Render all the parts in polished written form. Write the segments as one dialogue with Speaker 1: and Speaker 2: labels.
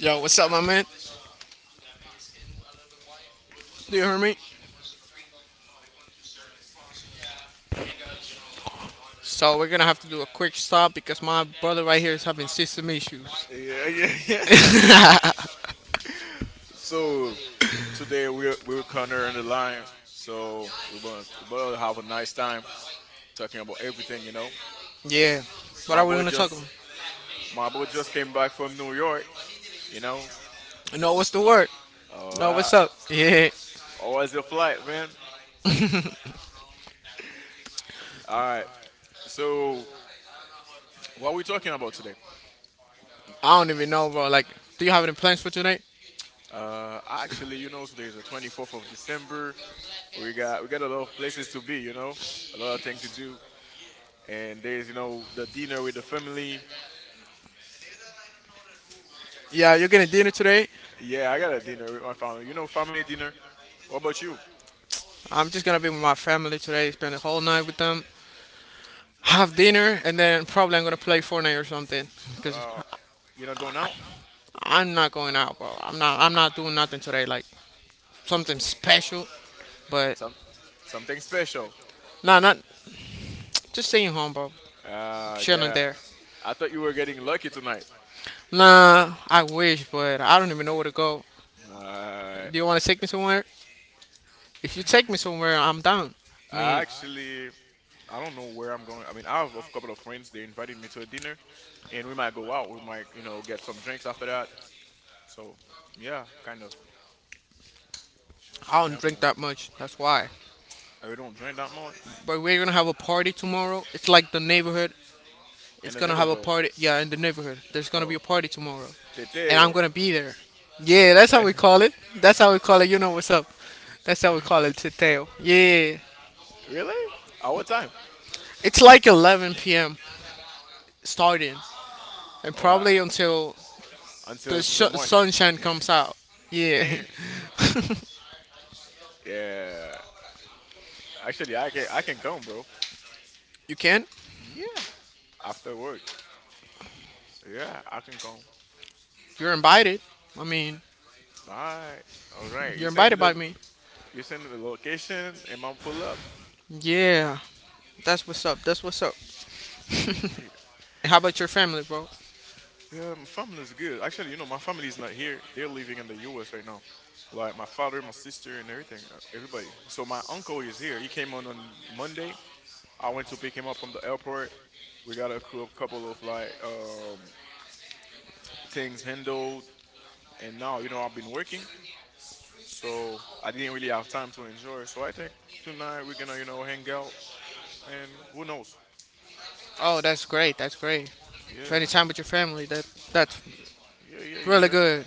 Speaker 1: Yo, what's up, my man? Do you hear me? So we're gonna have to do a quick stop because my brother right here is having system issues.
Speaker 2: yeah, yeah, yeah, yeah. So today we're Connor and the Lion. So we're gonna have a nice time talking about everything.
Speaker 1: Yeah. What
Speaker 2: My
Speaker 1: are we
Speaker 2: boy
Speaker 1: gonna talk
Speaker 2: just
Speaker 1: about?
Speaker 2: my boy just came back from New York, you know.
Speaker 1: No, what's the word?
Speaker 2: All
Speaker 1: No,
Speaker 2: right.
Speaker 1: what's up? Yeah.
Speaker 2: How was your flight, man? All right. So what are we talking about today?
Speaker 1: I don't even know, bro. Like, do you have any plans for tonight?
Speaker 2: Actually, you know, today is the 24th of December. We got a lot of places to be, a lot of things to do, and there's the dinner with the family.
Speaker 1: Yeah, you're getting dinner today.
Speaker 2: Yeah, I got a dinner with my family. You know, family dinner. What about you?
Speaker 1: I'm just gonna be with my family today. Spend the whole night with them. Have dinner, and then probably I'm gonna play Fortnite or something. Cause
Speaker 2: Uh, you're not going out?
Speaker 1: I'm not going out, bro. I'm not. I'm not doing nothing today. Like something special, but
Speaker 2: Some Something special.
Speaker 1: nah, not just staying home, bro.
Speaker 2: Ah,
Speaker 1: Chilling
Speaker 2: God.
Speaker 1: there.
Speaker 2: I thought you were getting lucky tonight.
Speaker 1: Nah, I wish, but I don't even know where to go.
Speaker 2: Uh, I
Speaker 1: Do you want to take me somewhere? If you take me somewhere, I'm down. I mean,
Speaker 2: Actually, I don't know where I'm going. I mean, I have a couple of friends. They invited me to a dinner, and we might go out. We might, you know, get some drinks after that. So, yeah, kind of.
Speaker 1: I
Speaker 2: Yeah,
Speaker 1: don't drink
Speaker 2: man.
Speaker 1: that much. That's why.
Speaker 2: We don't drink that much
Speaker 1: But we're gonna have a party tomorrow. It's like the neighborhood.
Speaker 2: in
Speaker 1: It's
Speaker 2: the
Speaker 1: gonna have a
Speaker 2: neighborhood.
Speaker 1: party. Yeah, in the neighborhood. There's gonna
Speaker 2: Oh,
Speaker 1: be a party tomorrow, and I'm
Speaker 2: teteo.
Speaker 1: gonna be there. Yeah, that's how we call it. That's how we call it. You know what's up? That's how we call it teteo. Yeah,
Speaker 2: Really? At what time?
Speaker 1: it's like 11 p.m. starting, and
Speaker 2: Oh, I,
Speaker 1: probably until the
Speaker 2: until the morning.
Speaker 1: sunshine comes out. Yeah,
Speaker 2: Damn. Yeah. Actually, I can come, bro.
Speaker 1: you can.
Speaker 2: Yeah, after work. Yeah, I can come.
Speaker 1: You're invited. I mean,
Speaker 2: All right, all right.
Speaker 1: you're invited by me.
Speaker 2: You send me the location, and I'll pull up.
Speaker 1: Yeah, that's what's up. That's what's up.
Speaker 2: Yeah,
Speaker 1: How about your family, bro?
Speaker 2: yeah. My family's good. Actually, you know, my family's not here. They're living in the U.S. right now. Like my father, my sister, and everything, everybody. So my uncle is here. He came on Monday. I went to pick him up from the airport. We got a couple of like things handled, and now you know I've been working. So I didn't really have time to enjoy. So I think tonight we're gonna, you know, hang out and who knows?
Speaker 1: Oh, that's great. That's great. Spending
Speaker 2: Yeah,
Speaker 1: time with your family. That's
Speaker 2: yeah, yeah, yeah,
Speaker 1: really
Speaker 2: yeah.
Speaker 1: good.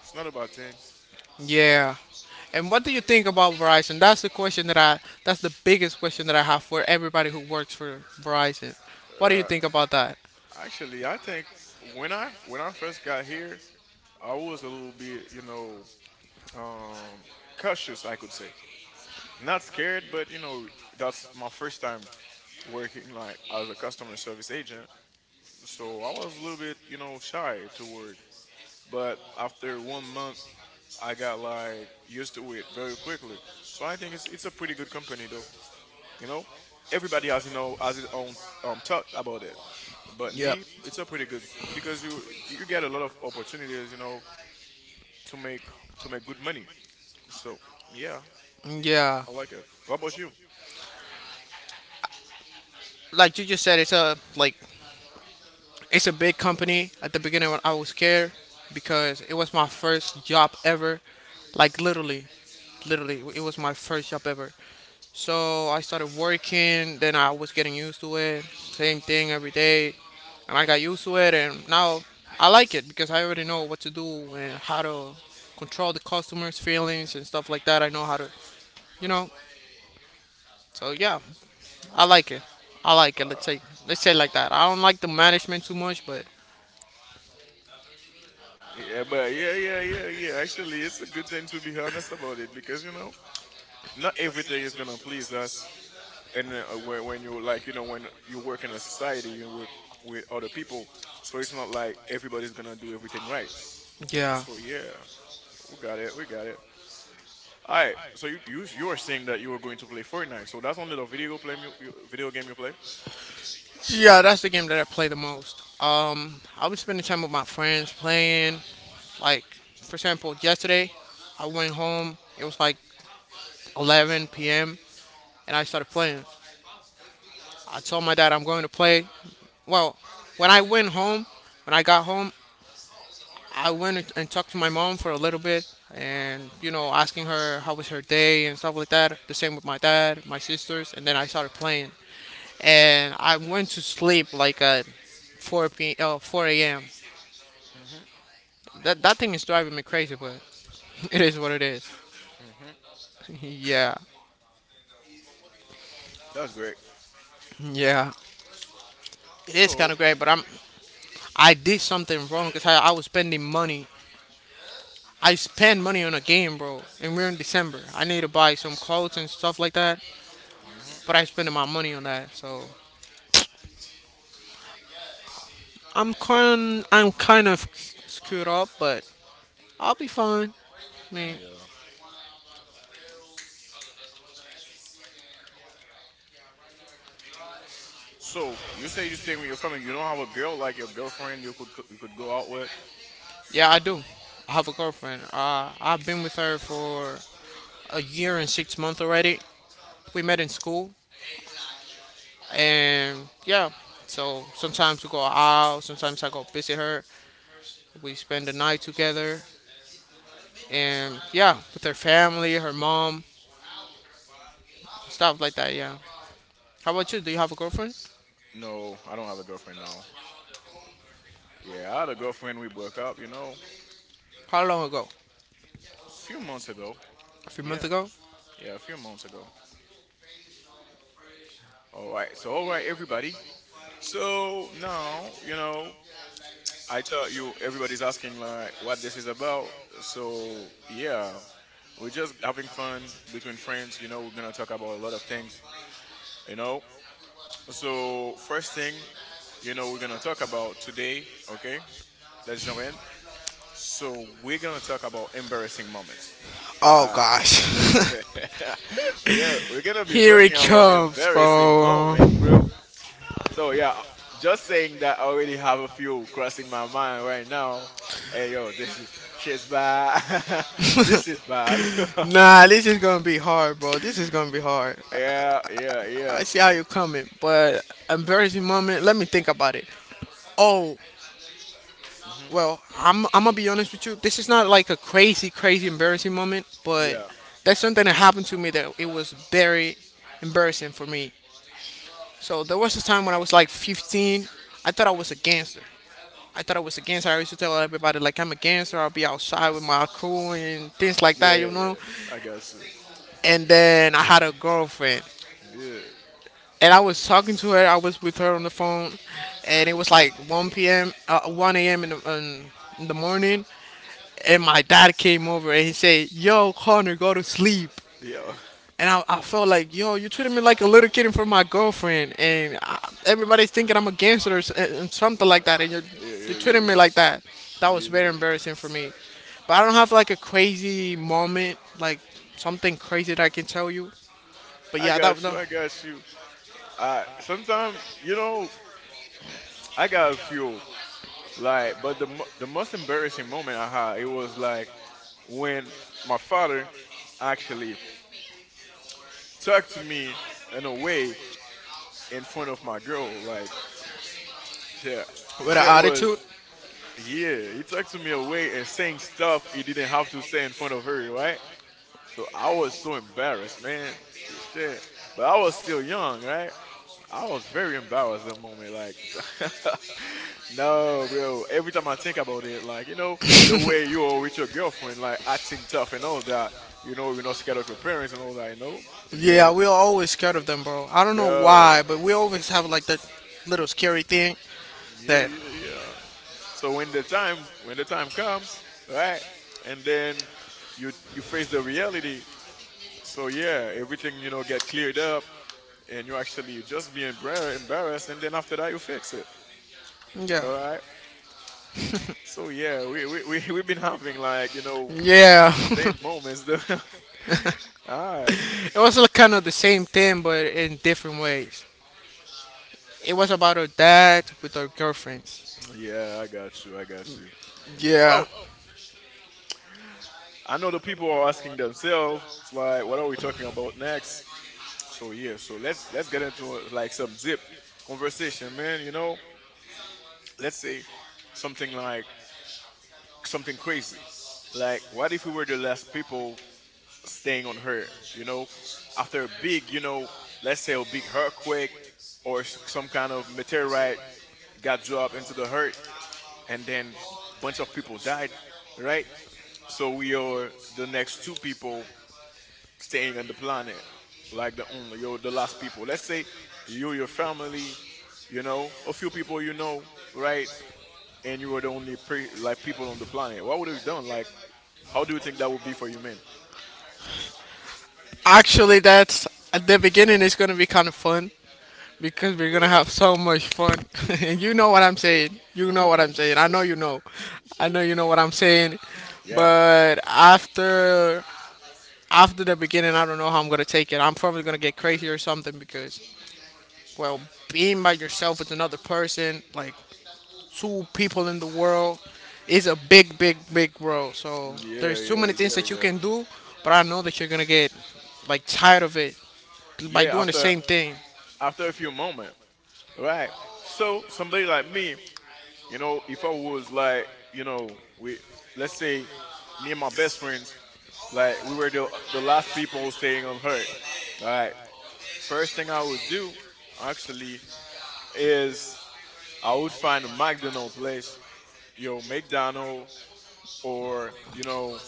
Speaker 2: It's not a bad thing.
Speaker 1: Yeah. And what do you think about Verizon? That's the question that I. That's the biggest question that I have for everybody who works for Verizon. What do you
Speaker 2: Uh,
Speaker 1: think about that?
Speaker 2: actually, I think when I first got here, I was a little bit, you know, um, cautious, I could say. Not scared, but you know, that's my first time working like as a customer service agent. So I was a little bit, you know, shy to work. But after 1 month I got like used to it very quickly. So I think it's a pretty good company though. You know, everybody has has his own thought about it. But
Speaker 1: Yep.
Speaker 2: me, it's a pretty good because you get a lot of opportunities, you know, to make to make good money. So yeah,
Speaker 1: Yeah.
Speaker 2: I like it. What about you?
Speaker 1: Like you just said, It's a big company. At the beginning, I was scared because it was my first job ever. Like literally, it was my first job ever. So I started working. Then I was getting used to it. Same thing every day, and I got used to it. And now I like it because I already know what to do and how to control the customers' feelings and stuff like that. I know how to, you know. So yeah, I like it. I like it.
Speaker 2: Uh,
Speaker 1: Let's say it like that. I don't like the management too much, but
Speaker 2: yeah, but yeah, yeah, yeah, yeah. Actually, it's a good thing to be honest about it because you know not everything is gonna please us. And when you like you know when you work in a society you with other people, so it's not like everybody's gonna do everything right.
Speaker 1: yeah,
Speaker 2: So yeah, we got it. All right, so you were saying that you were going to play Fortnite. So that's only the video game you play.
Speaker 1: yeah, that's the game that I play the most. I was spending time with my friends playing. Like, for example, yesterday I went home. It was like 11 p.m. and I started playing. I told my dad I'm going to play. Well, when I went home, when I got home, I went and talked to my mom for a little bit and asking her how was her day and stuff like that. The same with my dad, my sisters, and then I started playing. And I went to sleep like at 4 p. 4 a.m.
Speaker 2: Mhm.
Speaker 1: That thing is driving me crazy, but it is what it is.
Speaker 2: Mhm.
Speaker 1: yeah,
Speaker 2: That's great,
Speaker 1: yeah. It is
Speaker 2: so
Speaker 1: kind of great, but I did something wrong because I was spending money. I spend money on a game, bro, and we're in December. I need to buy some clothes and stuff like that,
Speaker 2: Mhm.
Speaker 1: but I spending my money on that, so I'm kind of screwed up, but I'll be fine. I mean,
Speaker 2: Yeah, so you say you stay with your family, you don't have a girl, like your girlfriend you could go out with.
Speaker 1: yeah, I do. I have a girlfriend. I've been with her for a year and 6 months already. We met in school, and yeah, so sometimes we go out. Sometimes I go visit her. We spend the night together. And yeah, with her family, her mom, stuff like that. Yeah. How about you? Do you have a girlfriend?
Speaker 2: No, I don't have a girlfriend now. Yeah, I had a girlfriend, we broke up, you know.
Speaker 1: How long ago?
Speaker 2: A few months ago.
Speaker 1: A few months
Speaker 2: Yeah.
Speaker 1: ago.
Speaker 2: Yeah, a few months ago. All right. So, all right, everybody. So now, you know, I tell you, everybody's asking like what this is about. So yeah, we're just having fun between friends. You know, we're gonna talk about a lot of things. You know. So first thing, you know, we're gonna talk about today. Okay, let's jump in. So we're gonna talk about embarrassing moments.
Speaker 1: Oh
Speaker 2: Ah,
Speaker 1: gosh.
Speaker 2: we're gonna be
Speaker 1: Here it
Speaker 2: talking about
Speaker 1: comes,
Speaker 2: embarrassing
Speaker 1: bro.
Speaker 2: moments, bro. So yeah, just saying that I already have a few crossing my mind right now. Hey yo, this is shit's bad. This is bad.
Speaker 1: Nah, this is gonna be hard, bro. This is gonna be hard.
Speaker 2: Yeah, yeah, yeah.
Speaker 1: I see how you're coming, but embarrassing moment, let me think about it. Oh.
Speaker 2: Hmm.
Speaker 1: Well, I'm gonna be honest with you. This is not like a crazy, crazy embarrassing moment, but
Speaker 2: Yeah,
Speaker 1: that's something that happened to me that it was very embarrassing for me. So there was a time when I was like 15. I thought I was a gangster. I thought I was a gangster. I used to tell everybody like I'm a gangster. I'll be outside with my crew and things like
Speaker 2: yeah,
Speaker 1: that,
Speaker 2: yeah,
Speaker 1: you know.
Speaker 2: yeah. I got you.
Speaker 1: And then I had a girlfriend,
Speaker 2: Yeah,
Speaker 1: and I was talking to her. I was with her on the phone, and it was like 1 p.m., 1 a.m. in in the morning. And my dad came over and he said, "Yo, Connor, go to sleep."
Speaker 2: yeah,
Speaker 1: And I felt like, yo, you treated me like a little kid in front of my girlfriend, and everybody's thinking I'm a gangster or s- and something like that, and you're,
Speaker 2: yeah,
Speaker 1: you're
Speaker 2: yeah,
Speaker 1: treating
Speaker 2: yeah,
Speaker 1: me like
Speaker 2: yeah.
Speaker 1: that. That was very
Speaker 2: Yeah.
Speaker 1: embarrassing for me. But I don't have like a crazy moment, like something crazy that I can tell you. But
Speaker 2: I
Speaker 1: yeah, that
Speaker 2: got
Speaker 1: no,
Speaker 2: you. I got you. Sometimes you know I got a few, like, but the the most embarrassing moment I had it was like when my father actually talked to me in a way in front of my girl. Like, shit,
Speaker 1: with an
Speaker 2: shit was,
Speaker 1: attitude.
Speaker 2: yeah, he took to me away and saying stuff he didn't have to say in front of her, right? So I was so embarrassed, man. Yeah, shit. But I was still young, right? I was very embarrassed that moment. Like, no, bro. Every time I think about it, like, you know, the way you are with your girlfriend, like, acting tough and all that, you know, you're not scared of your parents and all that, you know? And
Speaker 1: Yeah,
Speaker 2: then,
Speaker 1: we're always scared of them, bro. I don't know why,
Speaker 2: bro,
Speaker 1: but we always have like that little scary thing
Speaker 2: yeah,
Speaker 1: that.
Speaker 2: yeah, yeah. So when the time comes, right, and then you face the reality. So yeah, everything you know get cleared up, and you actually you just be embarrassed, and then after that you fix it.
Speaker 1: Yeah.
Speaker 2: All right. So yeah, we we've been having like you know
Speaker 1: Yeah.
Speaker 2: same moments. Though. All right.
Speaker 1: It was like kind of the same thing, but in different ways. It was about our dad with our girlfriends.
Speaker 2: Yeah, I got you. I got you.
Speaker 1: Yeah.
Speaker 2: So I know the people are asking themselves, it's like, what are we talking about next? So yeah, so let's get into like some zip conversation, man. You know, let's say something like something crazy. Like, what if we were the last people staying on Earth? You know, after a big, you know, let's say a big earthquake or some kind of meteorite got dropped into the earth, and then a bunch of people died, right? So we are the next two people staying on the planet, like the only you're the last people. Let's say you, your family, you know, a few people you know, right? And you were the only like people on the planet, what would you done? Like, how do you think that would be for you, man?
Speaker 1: Actually, that's at the beginning, it's going to be kind of fun because we're going to have so much fun. You know what I'm saying. You know what I'm saying. I know you know. I know you know what I'm saying.
Speaker 2: Yeah,
Speaker 1: But after the beginning, I don't know how I'm going to take it. I'm probably going to get crazy or something because, well, being by yourself with another person, like, two people in the world. It's a big, big, big world. So
Speaker 2: yeah,
Speaker 1: there's too
Speaker 2: yeah,
Speaker 1: many things
Speaker 2: yeah,
Speaker 1: that you
Speaker 2: yeah.
Speaker 1: can do, but I know that you're gonna get like tired of it by
Speaker 2: Yeah,
Speaker 1: doing the
Speaker 2: after
Speaker 1: same thing.
Speaker 2: after a few moments, right? So somebody like me, you know, if I was like, you know, we let's say me and my best friends, like we were the last people staying on Earth, right? First thing I would do, actually, is I would find a McDonald's place, yo, McDonald, or you know,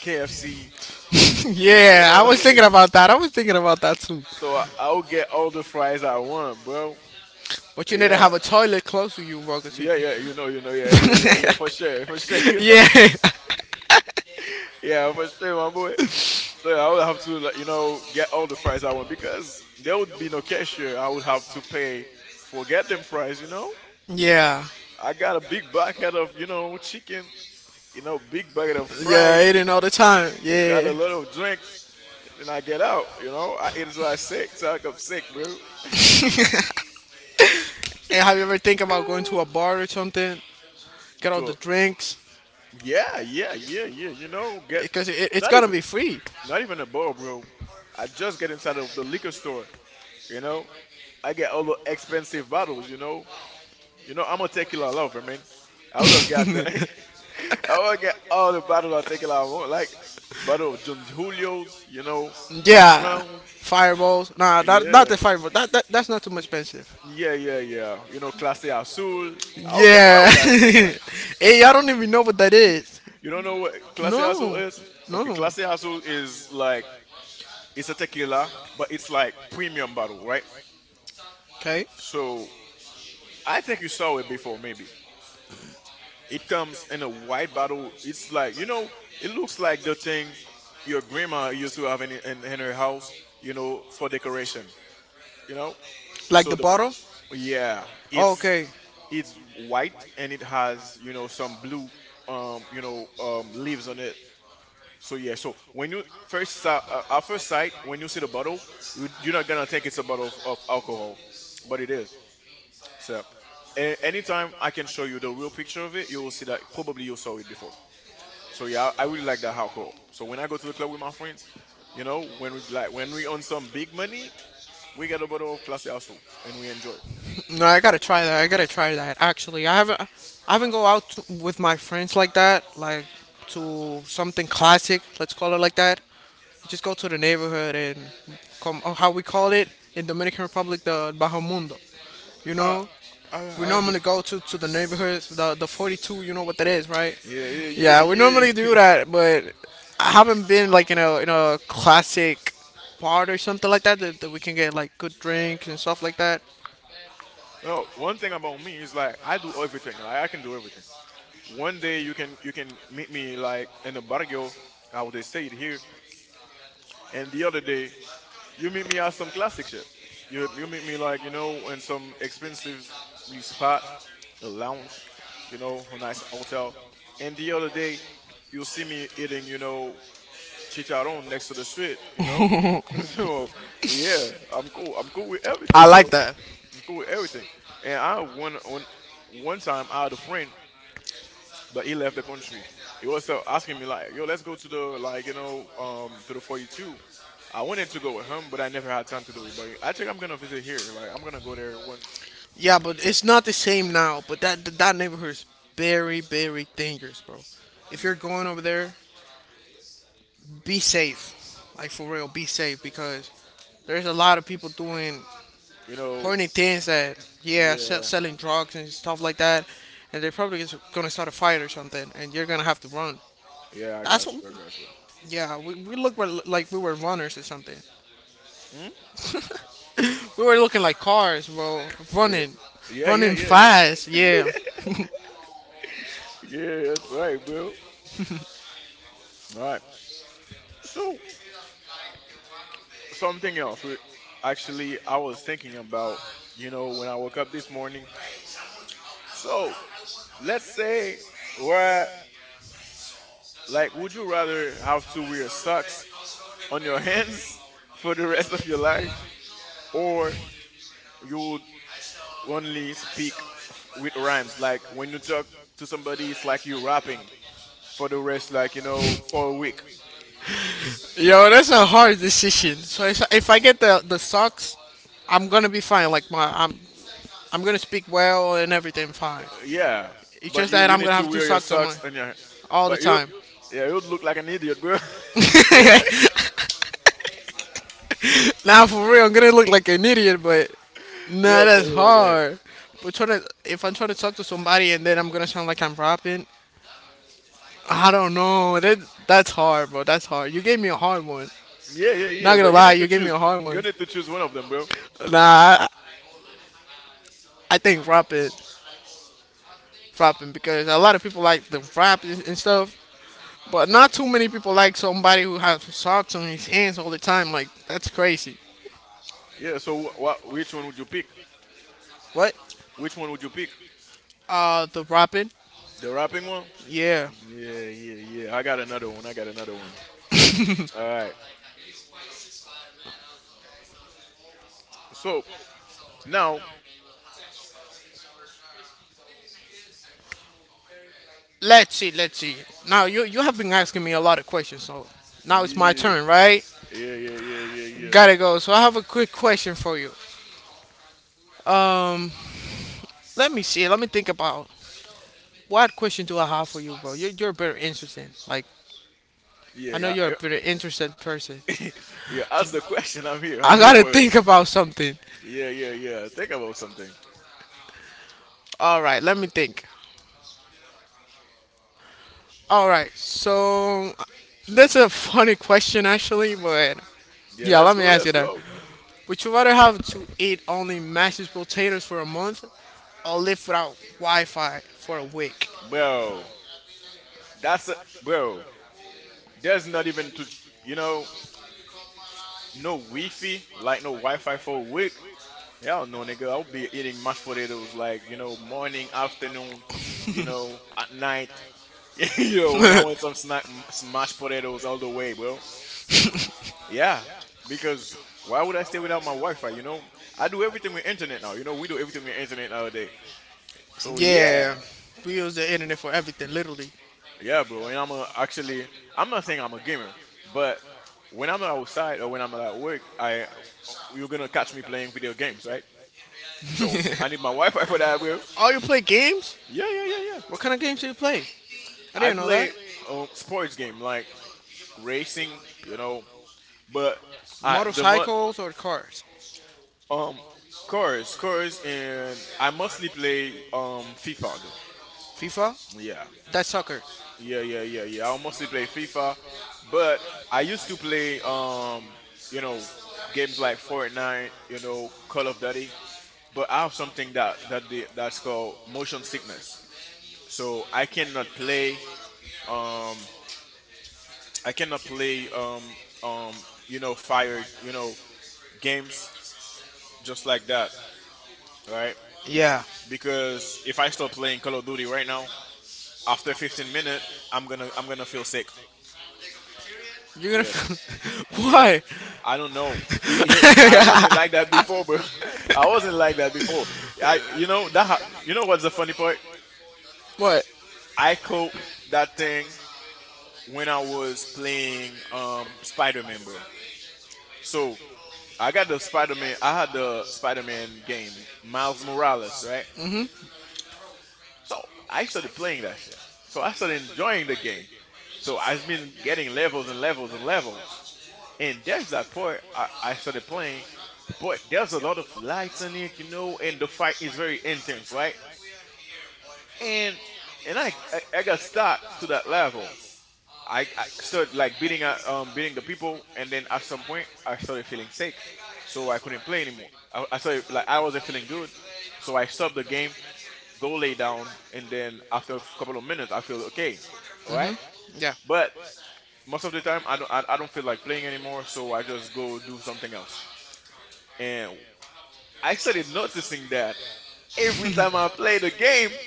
Speaker 2: KFC, you
Speaker 1: yeah, I
Speaker 2: know.
Speaker 1: was thinking about that. I was thinking about that too.
Speaker 2: So I'll get all the fries I want, bro.
Speaker 1: But you need to
Speaker 2: Yeah.
Speaker 1: have a toilet close to you, bro. 'Cause you-
Speaker 2: Yeah, yeah, you know, yeah, yeah, yeah, yeah, for sure, you know.
Speaker 1: yeah,
Speaker 2: Yeah, for sure, my boy. So I would have to, like, you know, get all the fries I want because there would be no cashier. I would have to pay for get them fries, you know.
Speaker 1: yeah,
Speaker 2: I got a big bucket of, you know, chicken, you know, big bucket of
Speaker 1: yeah.
Speaker 2: fries,
Speaker 1: Eating all the time.
Speaker 2: got
Speaker 1: Yeah.
Speaker 2: a lot of drinks, and then I get out, you know. I eat until I sick, till I come sick, bro.
Speaker 1: And have you ever think about going to a bar or something? Get all the
Speaker 2: So
Speaker 1: drinks
Speaker 2: yeah, yeah, yeah, yeah. You know, get
Speaker 1: because it's
Speaker 2: not
Speaker 1: gonna
Speaker 2: even
Speaker 1: be free.
Speaker 2: not even a bottle, bro. I just get inside of the liquor store. You know, I get all the expensive bottles. You know I'm a tequila lover, man. I would have got the I would get all the bottles of tequila I want, like bottle of Don Julio's. You know,
Speaker 1: Yeah,
Speaker 2: Patron.
Speaker 1: fireballs. Nah, not
Speaker 2: Yeah,
Speaker 1: the fireball. That's not too much expensive.
Speaker 2: yeah, yeah, yeah. You know, Clase Azul. I would get all
Speaker 1: Yeah.
Speaker 2: of that.
Speaker 1: Hey, I don't even know what that is.
Speaker 2: You don't know what Clase Azul
Speaker 1: No,
Speaker 2: is?
Speaker 1: no,
Speaker 2: Okay,
Speaker 1: no.
Speaker 2: Clase Azul is like it's a tequila, but it's like premium bottle, right?
Speaker 1: Okay,
Speaker 2: So I think you saw it before, maybe. It comes in a white bottle. It's like you know, it looks like the thing your grandma used to have in in her house, you know, for decoration. You know,
Speaker 1: like
Speaker 2: so
Speaker 1: the
Speaker 2: the
Speaker 1: bottle.
Speaker 2: yeah,
Speaker 1: Oh,
Speaker 2: it's
Speaker 1: okay.
Speaker 2: it's white and it has you know some blue, you know, leaves on it. So yeah, so when you first saw at first sight, when you see the bottle, you're not gonna think it's a bottle of alcohol, but it is. So, anytime I can show you the real picture of it, you will see that probably you saw it before. So yeah, I really like that hardcore. So when I go to the club with my friends, you know, when we like when we earn some big money, we get a bottle of Clase Azul and we enjoy.
Speaker 1: No, I gotta try that. I gotta try that. Actually, I haven't go out to, with my friends like that. Like to something classic. Let's call it like that. Just go to the neighborhood and come. How we call it in Dominican Republic, the Bajo Mundo. You
Speaker 2: Uh,
Speaker 1: know,
Speaker 2: I
Speaker 1: we
Speaker 2: I
Speaker 1: normally
Speaker 2: understand.
Speaker 1: go to the neighborhoods, the 42. You know what that is, right?
Speaker 2: Yeah, yeah,
Speaker 1: Yeah, we
Speaker 2: yeah,
Speaker 1: normally
Speaker 2: yeah.
Speaker 1: do that, but I haven't been like in a classic bar or something like that we can get like good drinks and stuff like that.
Speaker 2: No, one thing about me is like I do everything. Like I can do everything. One day you can meet me like in the barrio, how they say it here, and the other day you meet me at some classic shit. You meet me like you know in some expensive spot, a lounge, you know, a nice hotel. And the other day, you'll see me eating, chicharron next to the street. So yeah, I'm cool. I'm cool with
Speaker 1: I
Speaker 2: everything, bro.
Speaker 1: like that.
Speaker 2: I'm cool with everything. And I one on One time I had a friend but he left the country. He was asking me like, "Yo, let's go to the to the 42." I wanted to go with him, but I never had time to do it. But I think I'm gonna visit here. Like I'm gonna go there when
Speaker 1: Yeah, but it's not the same now. But that neighborhood is very very dangerous, bro. If you're going over there, be safe. Like for real, be safe because there's a lot of people doing
Speaker 2: you know.
Speaker 1: plenty things that yeah,
Speaker 2: Yeah,
Speaker 1: selling drugs and stuff like that, and they're probably just gonna start a fight or something, and you're gonna have to run.
Speaker 2: yeah, I
Speaker 1: That's what,
Speaker 2: got you. I got you.
Speaker 1: yeah, we like we were runners or something.
Speaker 2: Hmm?
Speaker 1: We were looking like cars, bro,
Speaker 2: Oh, yeah,
Speaker 1: running,
Speaker 2: yeah, yeah,
Speaker 1: running
Speaker 2: yeah,
Speaker 1: fast.
Speaker 2: yeah.
Speaker 1: Yeah,
Speaker 2: Yeah, that's right, bro. All right. So something else. Actually, I was thinking about when I woke up this morning. So let's say we're like, would you rather have to wear socks on your hands for the rest of your life, or you would only speak with rhymes? Like, when you talk to somebody, it's like you rapping for the rest, for a week.
Speaker 1: yo, that's a hard decision. So if I get the socks, I'm gonna be fine. Like my, I'm gonna speak well and everything fine.
Speaker 2: Yeah,
Speaker 1: It's
Speaker 2: but
Speaker 1: just
Speaker 2: you
Speaker 1: that
Speaker 2: you
Speaker 1: I'm
Speaker 2: need
Speaker 1: gonna
Speaker 2: to
Speaker 1: have two
Speaker 2: wear your
Speaker 1: socks on my
Speaker 2: socks and your.
Speaker 1: all the
Speaker 2: But you,
Speaker 1: time.
Speaker 2: yeah, you'd look like an idiot, bro. Yeah,
Speaker 1: Now for real, I'm gonna look like an idiot, but nah,
Speaker 2: yeah,
Speaker 1: that's
Speaker 2: for my guy.
Speaker 1: hard. But if I'm trying to talk to somebody and then I'm gonna sound like I'm rapping, I don't know. That's hard, bro. That's hard. You gave me a hard one.
Speaker 2: Yeah, yeah, yeah.
Speaker 1: Not gonna
Speaker 2: But you
Speaker 1: lie,
Speaker 2: need to
Speaker 1: you gave me
Speaker 2: choose.
Speaker 1: a hard
Speaker 2: You
Speaker 1: one.
Speaker 2: need to choose one of them, bro.
Speaker 1: Nah, I, I think rapping, because a lot of people like the rap and stuff, but not too many people like somebody who has socks on his hands all the time. Like that's crazy.
Speaker 2: Yeah. So, what? Which one would you pick?
Speaker 1: What?
Speaker 2: Which one would you pick?
Speaker 1: The rapping?
Speaker 2: The rapping one.
Speaker 1: Yeah.
Speaker 2: Yeah, yeah, yeah. I got another one. I got another one. All right. So now,
Speaker 1: Let's see, let's see. Now you have been asking me a lot of questions, so now it's my
Speaker 2: yeah,
Speaker 1: turn, right?
Speaker 2: yeah, yeah, yeah, yeah, yeah.
Speaker 1: Gotta go. So I have a quick question for you. Um, Let me see. Let me think about what question do I have for you, bro? You're very interesting. Like I know
Speaker 2: Yeah,
Speaker 1: you're a very interesting person.
Speaker 2: I, yeah. Ask the question. I'm here.
Speaker 1: I
Speaker 2: I'm here
Speaker 1: gotta
Speaker 2: for it.
Speaker 1: think about something.
Speaker 2: Yeah, yeah, yeah. Think about something.
Speaker 1: All right, let me think. All right, so that's a funny question actually, but
Speaker 2: Yeah,
Speaker 1: yeah,
Speaker 2: let's
Speaker 1: let me
Speaker 2: go.
Speaker 1: ask
Speaker 2: Let's
Speaker 1: you that.
Speaker 2: go,
Speaker 1: Would you rather have to eat only mashed potatoes for a month or live without Wi Fi for a week?
Speaker 2: bro. That's a, bro. There's not even to you know No Wi-Fi, like no Wi-Fi for a week. Hell no, nigga. I'll be eating mashed potatoes morning, afternoon, you know at night. Yo, when I want some snack, smashed potatoes all the way, bro. Yeah, because why would I stay without my Wi-Fi? You know, I do everything with internet now. You know, we do everything with internet nowadays. So yeah,
Speaker 1: Yeah, we use the internet for everything, literally.
Speaker 2: yeah, bro. Actually, I'm not saying I'm a gamer, but when I'm outside or when I'm at work, I you're gonna catch me playing video games, right? So I need my Wi-Fi for that, bro.
Speaker 1: Oh, you play games?
Speaker 2: Yeah, yeah, yeah, yeah.
Speaker 1: What kind of games do you play? I
Speaker 2: I
Speaker 1: didn't know that.
Speaker 2: play sports game like racing, you know, but I the mo-
Speaker 1: Motorcycles or cars?
Speaker 2: Um, chorus, chorus, and I mostly play FIFA though.
Speaker 1: FIFA?
Speaker 2: Yeah,
Speaker 1: That's soccer.
Speaker 2: yeah, yeah, yeah, yeah. I mostly play FIFA, but I used to play you know games like Fortnite, you know Call of Duty. But I have something that's called motion sickness, so um I cannot play um you know fire you know games just like that, right?
Speaker 1: Yeah.
Speaker 2: Because if I start playing Call of Duty right now, after 15 minutes, I'm gonna feel sick.
Speaker 1: You're gonna.
Speaker 2: Yeah, yeah.
Speaker 1: Why?
Speaker 2: I don't know. I wasn't like that before, bro. I wasn't like that before. I you know that ha- You know what's the funny part?
Speaker 1: What?
Speaker 2: I caught that thing when I was playing Spider-Man, bro. So I got the Spider-Man. I had the Spider-Man game, Miles Morales, right? So I started playing that shit. So I started enjoying the game. So I've been getting levels and levels and levels. And that's that part I started playing, but there's a lot of lights in it, you know, and the fight is very intense, right? And I got stuck to that level. I started like beating beating the people, and then at some point I started feeling sick, so I couldn't play anymore. I started like I wasn't feeling good, so I stopped the game, go lay down, and then after a couple of minutes I feel okay, all right.
Speaker 1: Yeah.
Speaker 2: But most of the time I don't feel like playing anymore, so I just go do something else. And I started noticing that every time I play the game,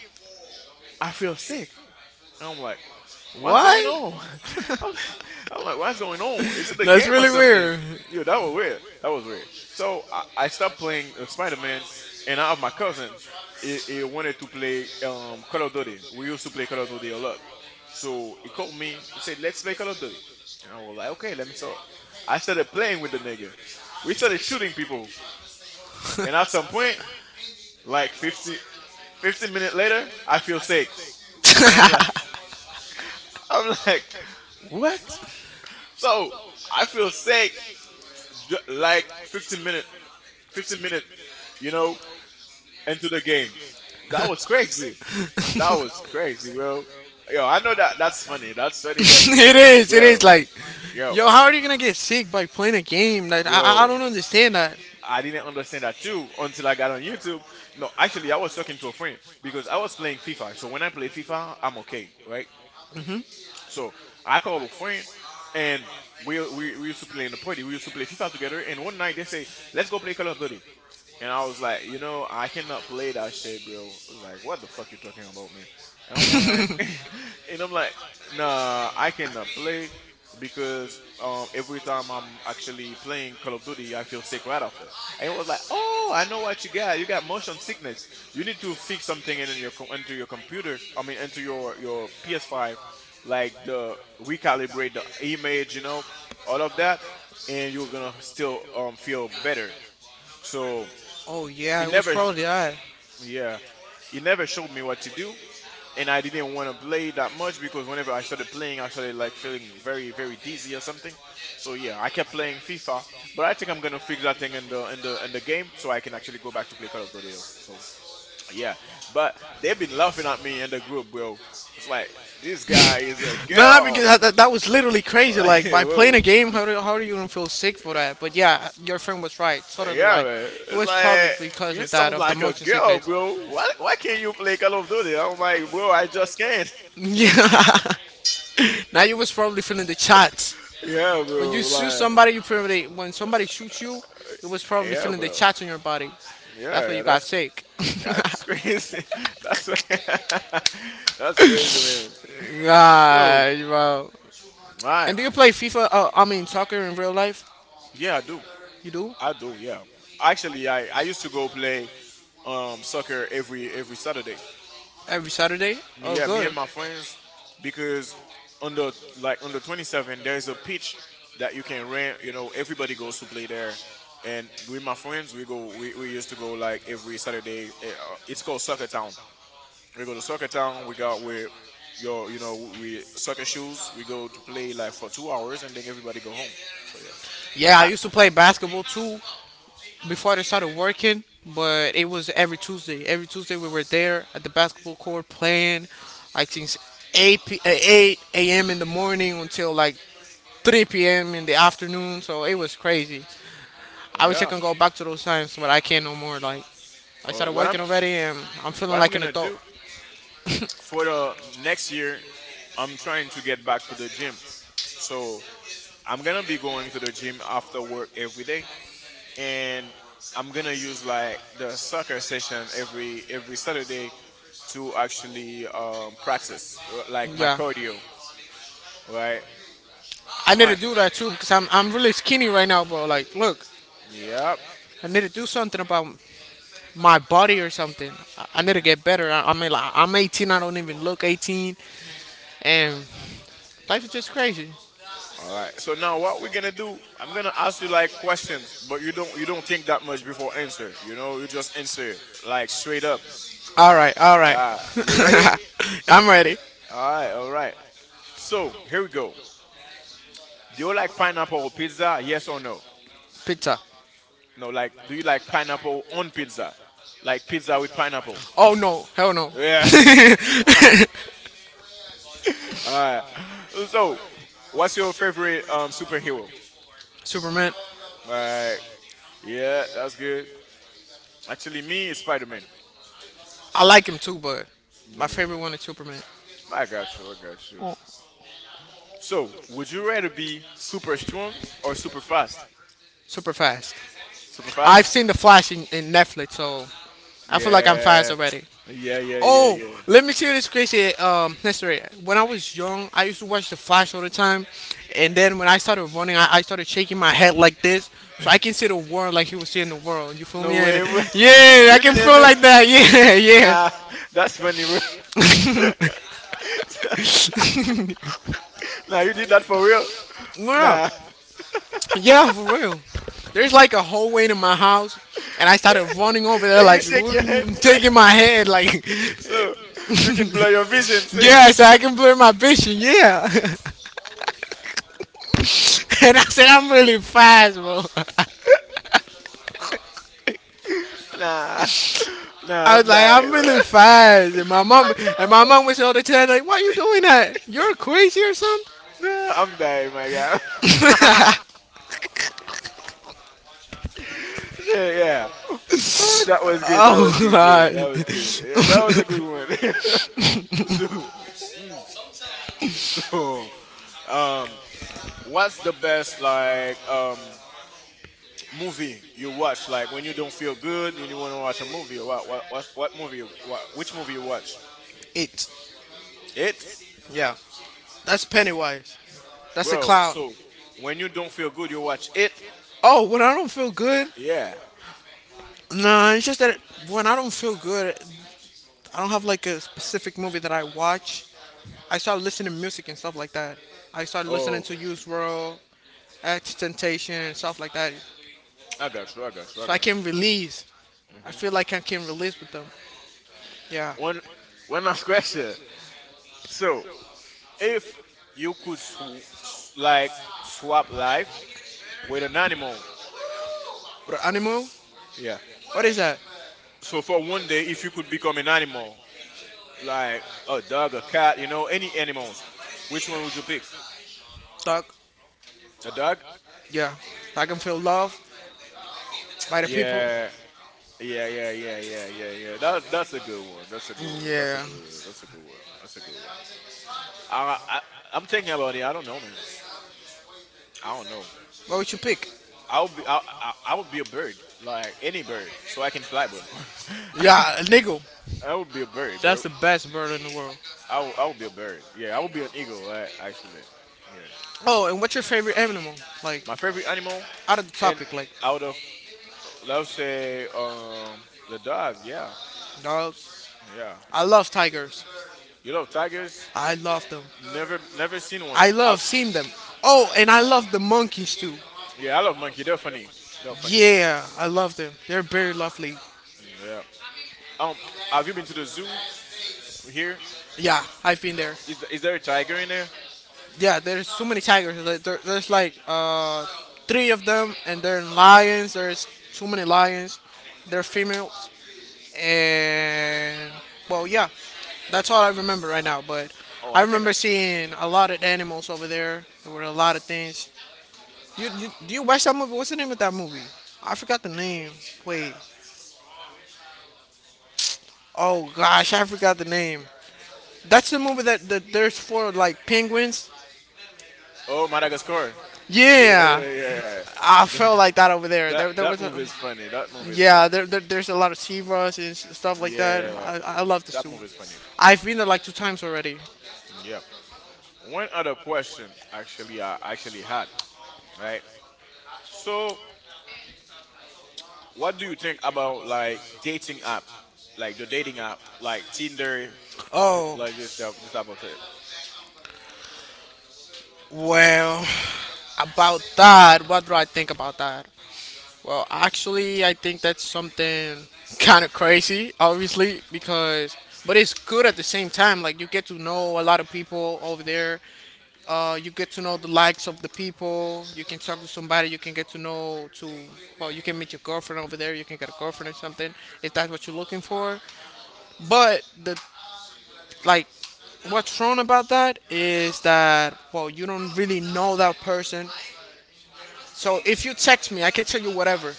Speaker 2: I feel sick. And I'm like, what's going
Speaker 1: What?
Speaker 2: on? I'm, I'm like, what's going on? Is it the
Speaker 1: That's
Speaker 2: game or
Speaker 1: really
Speaker 2: something?
Speaker 1: weird.
Speaker 2: Yeah, that was weird. That was weird. So I stopped playing Spider-Man, and I have my cousin. He wanted to play Call of Duty. We used to play Call of Duty a lot. So he called me. He said, let's play Call of Duty. And I was like, okay, let me start. I started playing with the nigga. We started shooting people. And at some point, like 50, 15 minutes later, I feel sick. And I'm like, I'm like, what? So I feel sick ju- like 15 minute, 15 minute, you know, into the game. That was crazy. That was crazy, bro. Yo, I know that that's funny. That's funny, but
Speaker 1: It is. It is
Speaker 2: bro,
Speaker 1: like,
Speaker 2: yo,
Speaker 1: yo, how are you gonna get sick by playing a game? Like, I
Speaker 2: bro,
Speaker 1: don't understand that.
Speaker 2: I didn't understand that too until I got on YouTube. No, actually, I was talking to a friend because I was playing FIFA. So when I play FIFA, I'm okay, right? So I called a friend, and we used to play in the party. We used to play FIFA together. And one night they say, "Let's go play Call of Duty." And I was like, you know, I cannot play that shit, bro. I was like, what the fuck you talking about, man? And I'm like, and I'm like, nah, I cannot play because every time I'm actually playing Call of Duty, I feel sick right after. And it was like, oh, I know what you got. You got motion sickness. You need to fix something in your into your computer. I mean, into your PS5, like the recalibrate the image, you know, all of that, and you're gonna still feel better. So
Speaker 1: Oh yeah,
Speaker 2: it
Speaker 1: it was
Speaker 2: never
Speaker 1: probably that.
Speaker 2: Yeah, it never showed me what to do, and I didn't want to play that much because whenever I started playing I started like feeling very dizzy or something. So yeah, I kept playing FIFA, but I think I'm gonna fix that thing in the game so I can actually go back to play Call of Duty though. So yeah, but they've been laughing at me in the group, bro. It's like, this guy is a
Speaker 1: Nah,
Speaker 2: girl.
Speaker 1: because that was literally crazy.
Speaker 2: Like,
Speaker 1: Like by playing
Speaker 2: bro,
Speaker 1: a game, how are you gonna feel sick for that? But yeah, your friend was right, totally
Speaker 2: yeah
Speaker 1: right.
Speaker 2: man,
Speaker 1: It
Speaker 2: it's
Speaker 1: was probably
Speaker 2: like,
Speaker 1: because
Speaker 2: you
Speaker 1: of that,
Speaker 2: sound
Speaker 1: of the
Speaker 2: like a
Speaker 1: motion sickness.
Speaker 2: girl, bro. Why can't you play Call of Duty? I'm like, bro, I just can't.
Speaker 1: Yeah. Now you was probably feeling the chats.
Speaker 2: Yeah,
Speaker 1: When
Speaker 2: bro.
Speaker 1: you shoot
Speaker 2: Like,
Speaker 1: somebody, you probably when somebody shoots you, you was probably
Speaker 2: yeah,
Speaker 1: feeling the
Speaker 2: bro.
Speaker 1: chats on your body. That's
Speaker 2: Yeah,
Speaker 1: why
Speaker 2: yeah.
Speaker 1: you got
Speaker 2: That's
Speaker 1: sick.
Speaker 2: that's crazy. That's what- that's crazy, man. So,
Speaker 1: God, bro.
Speaker 2: right.
Speaker 1: And do you play FIFA? I mean soccer in real life?
Speaker 2: Yeah, I do.
Speaker 1: You do
Speaker 2: I do. Yeah. Actually, I used to go play soccer every Saturday.
Speaker 1: every Saturday? Oh,
Speaker 2: Yeah, me and
Speaker 1: good.
Speaker 2: my friends, because on the like on the 27 there's a pitch that you can rent. You know, everybody goes to play there. And with my friends, we go. We used to go like every Saturday. It's called Soccer, we go to soccer town. We got with your, you know, we soccer shoes. We go to play like for 2 hours, and then everybody go home. So yeah,
Speaker 1: Yeah, I
Speaker 2: I,
Speaker 1: used to play basketball too before I started working, but it was every Tuesday. Every Tuesday we were there at the basketball court playing, like since 8 a.m. in the morning until like 3 p.m. in the afternoon. So it was crazy. I wish I
Speaker 2: yeah.
Speaker 1: can go back to those times, but I can't no more. Like I started
Speaker 2: What I'm
Speaker 1: working already, and I'm
Speaker 2: what
Speaker 1: feeling
Speaker 2: I'm
Speaker 1: like an
Speaker 2: gonna
Speaker 1: adult.
Speaker 2: do for the next year, I'm trying to get back to the gym. So I'm gonna be going to the gym after work every day, and I'm gonna use like the soccer session every Saturday to actually practice like my
Speaker 1: Yeah,
Speaker 2: cardio. Right,
Speaker 1: I need
Speaker 2: right.
Speaker 1: to do that too because I'm really skinny right now, bro. Like, look,
Speaker 2: Yep.
Speaker 1: I need to do something about my body or something. I need to get better. I mean, like, I'm 18. I don't even look 18, and life is just crazy.
Speaker 2: All right. So now what we're gonna do? I'm gonna ask you like questions, but you don't think that much before answer. You know, you just answer like straight up.
Speaker 1: All right, all right.
Speaker 2: Ah, you ready?
Speaker 1: I'm ready.
Speaker 2: All right. All right. So here we go. Do you like pineapple on pizza? Yes or no?
Speaker 1: Pizza.
Speaker 2: No. Like, do you like pineapple on pizza? Like pizza with pineapple?
Speaker 1: Oh no, hell no.
Speaker 2: Yeah. All right. So, what's your favorite superhero?
Speaker 1: Superman.
Speaker 2: Right. Yeah, that's good. Actually, me, it's Spider-Man.
Speaker 1: I like him too, but my favorite
Speaker 2: Yeah.
Speaker 1: one is Superman.
Speaker 2: I got you. I got you. So, would you rather be super strong or super fast?
Speaker 1: Super fast.
Speaker 2: Super
Speaker 1: I've
Speaker 2: fast?
Speaker 1: seen the Flash in Netflix, so I feel like I'm fast
Speaker 2: Yeah.
Speaker 1: already.
Speaker 2: Yeah, yeah, yeah,
Speaker 1: Oh, let
Speaker 2: yeah.
Speaker 1: me tell you this crazy history. When I was young, I used to watch The Flash all the time, and then when I started running, I started shaking my head like this, so I can see the world like he was seeing the world. You feel
Speaker 2: No
Speaker 1: me? And
Speaker 2: way, bro.
Speaker 1: yeah, I
Speaker 2: You
Speaker 1: can
Speaker 2: didn't
Speaker 1: feel
Speaker 2: do
Speaker 1: like that. Yeah, yeah.
Speaker 2: nah, that's funny, bro. Nah, you did that for real?
Speaker 1: Well,
Speaker 2: Nah.
Speaker 1: yeah, for real. There's like a whole way to my house, and I started running over there
Speaker 2: And you
Speaker 1: like
Speaker 2: shake your head
Speaker 1: taking my head like,
Speaker 2: so you can blow your vision.
Speaker 1: yeah, so I can blur my vision. Yeah, and I said I'm really fast, bro.
Speaker 2: Nah. Nah,
Speaker 1: I
Speaker 2: I'm
Speaker 1: was like,
Speaker 2: dying,
Speaker 1: I'm
Speaker 2: bro.
Speaker 1: really fast. And my mom
Speaker 2: I'm
Speaker 1: and my
Speaker 2: dying.
Speaker 1: mom was all the time like, why you doing that? You're crazy or something?
Speaker 2: Nah, I'm dying, my guy. Yeah, yeah. That was good. That was
Speaker 1: Oh
Speaker 2: good, bro.
Speaker 1: God.
Speaker 2: That was good. Yeah, that was a good one. So, mm, so, um, what's the best like movie you watch? Like when you don't feel good and you want to watch a movie. What movie? You, what which movie you watch?
Speaker 1: It
Speaker 2: It,
Speaker 1: Yeah. That's Pennywise. That's a
Speaker 2: bro.
Speaker 1: clown.
Speaker 2: So when you don't feel good, you watch it.
Speaker 1: Oh, when I don't feel good?
Speaker 2: Yeah.
Speaker 1: Nah, it's just that when I don't feel good, I don't have like a specific movie that I watch. I start listening to music and stuff like that. I start listening
Speaker 2: Oh,
Speaker 1: to Use World, X Temptation, and stuff like that.
Speaker 2: I
Speaker 1: So I
Speaker 2: got
Speaker 1: can
Speaker 2: you.
Speaker 1: release. I feel
Speaker 2: hmm
Speaker 1: like I can release with them. Yeah.
Speaker 2: One one last question. So if you could swap life with an animal.
Speaker 1: But animal?
Speaker 2: Yeah,
Speaker 1: What is that?
Speaker 2: so for one day if you could become an animal, like a dog, a cat, you know, any animals, which one would you pick?
Speaker 1: Dog.
Speaker 2: A dog.
Speaker 1: Yeah, I can feel love by the people.
Speaker 2: Yeah, yeah, yeah, yeah, yeah, yeah, yeah, that's a good one, that's a good one. That's a
Speaker 1: Yeah.
Speaker 2: good one. That's a good one. That's a good one. i, I I'm thinking about it. I don't know, man. I don't know.
Speaker 1: What would you pick?
Speaker 2: I'll be, I would be a bird, like any bird, so I can fly, bro.
Speaker 1: Yeah, a nigga.
Speaker 2: I would be a bird,
Speaker 1: That's
Speaker 2: bro.
Speaker 1: the best bird in the world.
Speaker 2: I would be a bird. Yeah, I would be an eagle. I, actually, yeah.
Speaker 1: Oh, and what's your favorite animal? Like,
Speaker 2: My favorite animal,
Speaker 1: out of the
Speaker 2: and
Speaker 1: topic, like
Speaker 2: out of let's say the dog. Yeah,
Speaker 1: dogs.
Speaker 2: yeah.
Speaker 1: I love tigers.
Speaker 2: You love tigers?
Speaker 1: I love them.
Speaker 2: Never, never seen one.
Speaker 1: I
Speaker 2: I,
Speaker 1: love seeing them. Oh, and I love the monkeys too.
Speaker 2: yeah, I love monkey. They're funny. They're funny, bro.
Speaker 1: Yeah, I love them. They're very lovely.
Speaker 2: Yeah. Um, have you been to the zoo here?
Speaker 1: Yeah, I've been there.
Speaker 2: Is there a tiger in there?
Speaker 1: Yeah, there's so many tigers. Like, there's like three of them, and they're lions. There's too many lions. They're females. And well, yeah, that's all I remember right now. But
Speaker 2: Oh,
Speaker 1: I
Speaker 2: I think. I,
Speaker 1: remember seeing a lot of animals over there. There were a lot of things. You watch that movie? What's the name of that movie? I forgot the name. Wait. Oh gosh, I forgot the name. That's the movie that there's four like penguins.
Speaker 2: oh, Madagascar.
Speaker 1: Yeah,
Speaker 2: Yeah, yeah.
Speaker 1: I felt like that over there.
Speaker 2: That
Speaker 1: There
Speaker 2: that
Speaker 1: was a,
Speaker 2: movie is funny. That movie is
Speaker 1: yeah,
Speaker 2: funny.
Speaker 1: there's a lot of zebras and stuff like that.
Speaker 2: Yeah,
Speaker 1: I love the
Speaker 2: that
Speaker 1: zoo.
Speaker 2: movie is funny.
Speaker 1: I've been there like two times already.
Speaker 2: Yeah. One other question actually I actually had, right? So, what do you think about like dating app, like the dating app, like Tinder, th-
Speaker 1: Oh,
Speaker 2: like this type of thing?
Speaker 1: well, about that, what do I think about that? Well, actually, I think that's something kind of crazy, obviously, because but it's good at the same time. Like you get to know a lot of people over there. You get to know the likes of the people. You can talk to somebody. You can get to know to, well, you can meet your girlfriend over there. You can get a girlfriend or something if that's what you're looking for. But the, like, what's wrong about that is that, well, you don't really know that person. So if you text me, I can tell you whatever.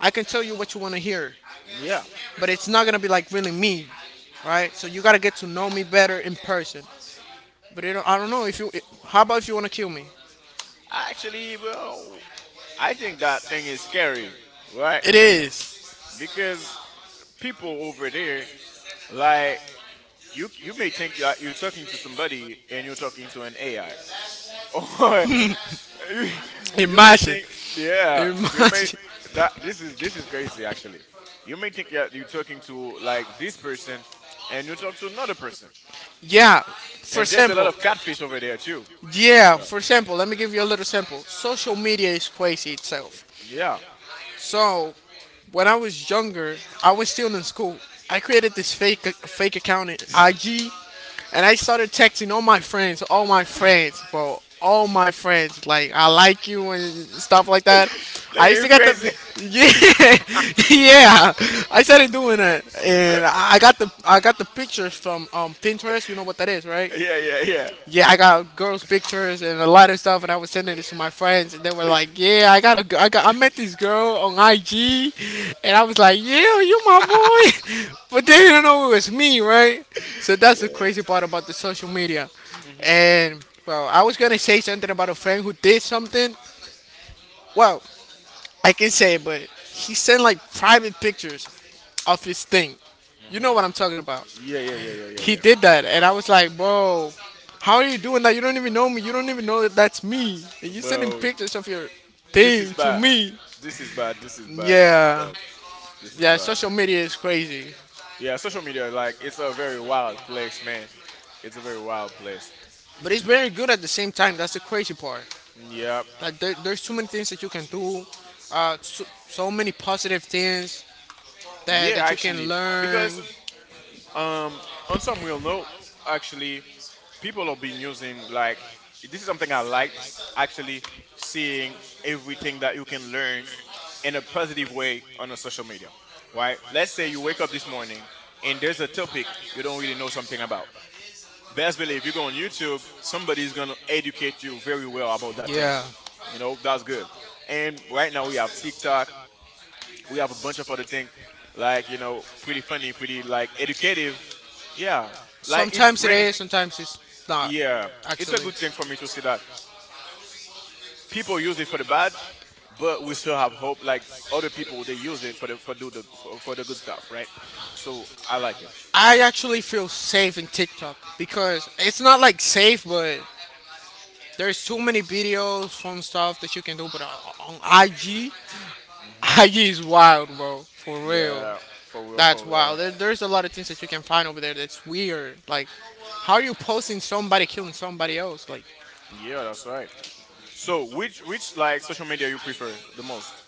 Speaker 1: I can tell you what you want to hear,
Speaker 2: Yeah,
Speaker 1: but it's not gonna be like really me, right? So you gotta get to know me better in person. But you I don't know if you. How about if you wanna kill me?
Speaker 2: actually, well, I think that thing is scary, right?
Speaker 1: It is.
Speaker 2: Because people over there, like you may think that you're talking to somebody and you're talking to an AI. Or you, you may
Speaker 1: Imagine.
Speaker 2: think, yeah, you may
Speaker 1: Imagine.
Speaker 2: that this is crazy actually. You may think you're talking to like this person, and you talk to another person,
Speaker 1: Yeah. For
Speaker 2: and there's a lot
Speaker 1: example,
Speaker 2: of catfish over there too.
Speaker 1: let me give you a little sample. Social media is crazy itself.
Speaker 2: Yeah,
Speaker 1: So, when I was younger, I was still in school. I created this fake account in
Speaker 2: yeah.
Speaker 1: IG, and I started texting all my friends, bro, all my friends, like I like you and stuff like that. I
Speaker 2: Nigga,
Speaker 1: used
Speaker 2: you
Speaker 1: to get the
Speaker 2: crazy?
Speaker 1: yeah, yeah. I started doing it, and I got the pictures from Pinterest. You know what that is, right?
Speaker 2: Yeah, yeah, yeah.
Speaker 1: Yeah, I got girls' pictures and a lot of stuff, and I was sending it to my friends, and they were like, "Yeah, I got a, g- I got, I met this girl on IG," and I was like, "Yeah, you my boy," but they didn't know it was me, right? So that's the
Speaker 2: yeah.
Speaker 1: crazy part about the social media.
Speaker 2: Mhm.
Speaker 1: And well, I was gonna say something about a friend who did something. Well, I can say it, but he sent like private pictures of his thing. You know
Speaker 2: Mhm.
Speaker 1: what I'm talking about?
Speaker 2: Yeah, yeah, yeah, yeah, yeah,
Speaker 1: He
Speaker 2: yeah.
Speaker 1: did that, and I was like, bro, how are you doing that? You don't even know me. You don't even know that that's me. And you're sending
Speaker 2: Well,
Speaker 1: pictures of your
Speaker 2: this is
Speaker 1: thing to
Speaker 2: bad.
Speaker 1: me.
Speaker 2: This is bad. This is bad. This is
Speaker 1: Yeah,
Speaker 2: bad. This is
Speaker 1: yeah.
Speaker 2: bad.
Speaker 1: Social media is crazy,
Speaker 2: Yeah, social media, like, it's a very wild place, man. It's a very wild place.
Speaker 1: but it's very good at the same time. That's the crazy part.
Speaker 2: Yeah,
Speaker 1: Like there's too many things that you can do. So many positive things that
Speaker 2: yeah,
Speaker 1: that you can
Speaker 2: actually,
Speaker 1: learn.
Speaker 2: because um, on some real note, actually, people have been using like this is something I liked actually seeing everything that you can learn in a positive way on a social media, right? Let's say you wake up this morning and there's a topic you don't really know something about. Best believe you go on YouTube, somebody's gonna educate you very well about that thing.
Speaker 1: Yeah.
Speaker 2: You know, that's good. And right now we have TikTok, we have a bunch of other things, like, you know, pretty funny, pretty like educative, yeah, like it
Speaker 1: Sometimes it
Speaker 2: bring,
Speaker 1: is. Sometimes it's not.
Speaker 2: yeah, it's a
Speaker 1: Actually,
Speaker 2: good thing for me to see that people use it for the bad, but we still have hope, like other people they use it for the for the good stuff, right? So I like it.
Speaker 1: I actually feel safe in TikTok because it's not like safe, but there's too many videos fun stuff that you can do, but on IG,
Speaker 2: Hmm.
Speaker 1: IG is wild, bro. For real,
Speaker 2: Yeah, for real,
Speaker 1: that's
Speaker 2: for
Speaker 1: wild.
Speaker 2: real.
Speaker 1: There's a lot of things that you can find over there that's weird. Like, how are you posting somebody killing somebody else? Like,
Speaker 2: Yeah, that's right. So which like social media you prefer the most?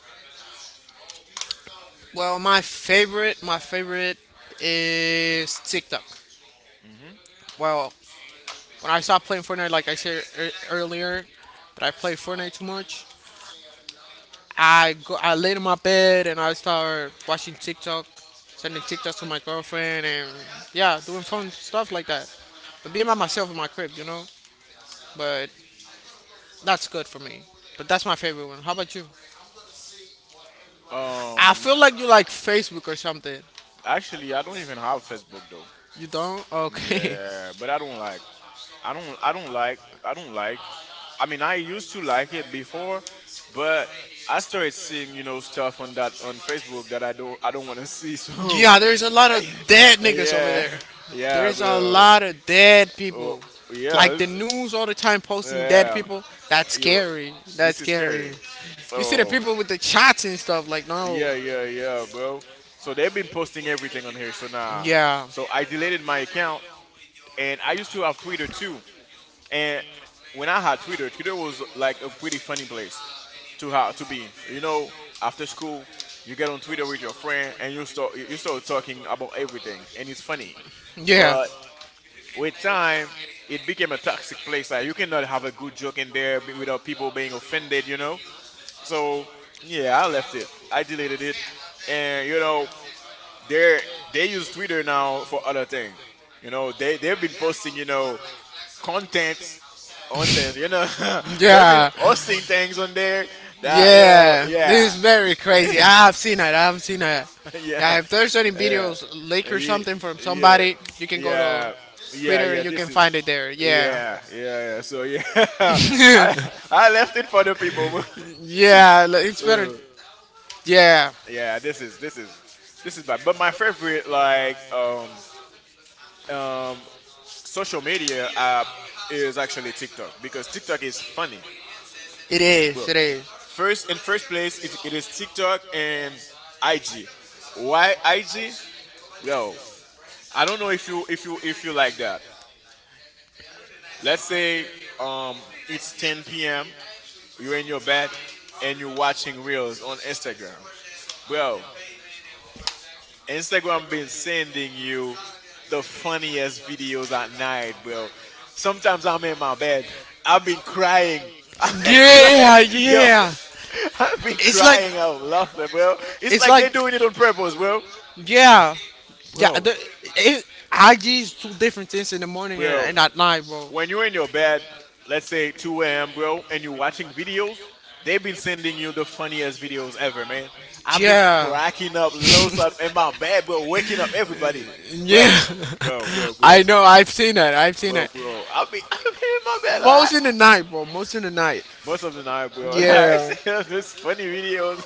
Speaker 1: well, my favorite is TikTok.
Speaker 2: Hmm.
Speaker 1: Well, when I stopped playing Fortnite, like I said earlier, that I play Fortnite too much. I laid in my bed and I start watching TikTok, sending TikToks to my girlfriend, and yeah, doing fun stuff like that. But being by myself in my crib. But that's good for me. But that's my favorite one. How about you? I
Speaker 2: um
Speaker 1: feel like you like Facebook or something.
Speaker 2: Actually, I don't even have Facebook though.
Speaker 1: You don't? Okay.
Speaker 2: Yeah, but I don't like. I don't. I don't like. I don't like. I mean, I used to like it before, but I started seeing, you know, stuff on that on Facebook that I don't want to see. So,
Speaker 1: Yeah, there's a lot of dead niggas over
Speaker 2: yeah,
Speaker 1: there.
Speaker 2: yeah,
Speaker 1: There's a
Speaker 2: well,
Speaker 1: lot of dead
Speaker 2: oh,
Speaker 1: people. Like
Speaker 2: yeah,
Speaker 1: the news all the time posting dead
Speaker 2: yeah.
Speaker 1: people. That's
Speaker 2: You,
Speaker 1: scary. That's
Speaker 2: this is
Speaker 1: scary.
Speaker 2: scary.
Speaker 1: You see the
Speaker 2: So
Speaker 1: people with the shots and stuff. Like no.
Speaker 2: yeah, yeah, yeah, bro. So they've been posting everything on here. So now,
Speaker 1: Yeah.
Speaker 2: so I deleted my account, and I used to have Twitter too. And when I had Twitter, Twitter was like a pretty funny place to be. You know, after school, you get on Twitter with your friend and you start talking about everything, and it's funny.
Speaker 1: Yeah.
Speaker 2: But with time, it became a toxic place. Like you cannot have a good joke in there without people being offended. You know. So yeah, I left it. I deleted it, and you know they they use Twitter now for other things. You know they've been posting, you know, content on this, you know. They've been
Speaker 1: Yeah.
Speaker 2: posting things on there that, you know,
Speaker 1: Yeah. This is
Speaker 2: yeah.
Speaker 1: very crazy. I have seen that. I have seen that.
Speaker 2: yeah,
Speaker 1: Yeah. If there's any
Speaker 2: yeah,
Speaker 1: videos, leak or
Speaker 2: Ye-
Speaker 1: something from
Speaker 2: yeah,
Speaker 1: somebody, you can go to
Speaker 2: yeah, yeah,
Speaker 1: Twitter.
Speaker 2: yeah.
Speaker 1: You can
Speaker 2: This is,
Speaker 1: find it there. Yeah.
Speaker 2: yeah, yeah, yeah. So yeah, I I left it for the people.
Speaker 1: Yeah, like, it's better.
Speaker 2: So
Speaker 1: Yeah.
Speaker 2: yeah, this is this is bad. But my favorite like um social media app is actually TikTok because TikTok is funny.
Speaker 1: It is. It is.
Speaker 2: First in first place, it is TikTok and IG. Why IG? Well, I don't know if you like that. Let's say it's 10 p.m. You're in your bed and you're watching reels on Instagram. Bro, Instagram been sending you the funniest videos at night, bro. Sometimes I'm in my bed. I've been crying. I've been crying,
Speaker 1: Yeah,
Speaker 2: yo.
Speaker 1: yeah.
Speaker 2: I've been
Speaker 1: It's like
Speaker 2: crying out loud, bro. It's
Speaker 1: it's
Speaker 2: like
Speaker 1: like
Speaker 2: they're doing it on purpose, bro.
Speaker 1: yeah, yeah.
Speaker 2: Bro,
Speaker 1: It, IG is two different things in the morning and,
Speaker 2: bro,
Speaker 1: and at night, bro.
Speaker 2: when you're in your bed, let's say 2 a.m., bro, and you're watching videos, they've been sending you the funniest videos ever, man. I've been
Speaker 1: Yeah,
Speaker 2: cracking up loads up in my bed, bro, waking up everybody.
Speaker 1: yeah.
Speaker 2: Bro, bro, bro, bro,
Speaker 1: I know. I've seen that. I've seen that.
Speaker 2: Bro. I'll be, I'll be in my bed, all right?
Speaker 1: Most in the night, bro. Most in the night.
Speaker 2: Most of the night, bro. Like,
Speaker 1: Yeah.
Speaker 2: there's funny videos.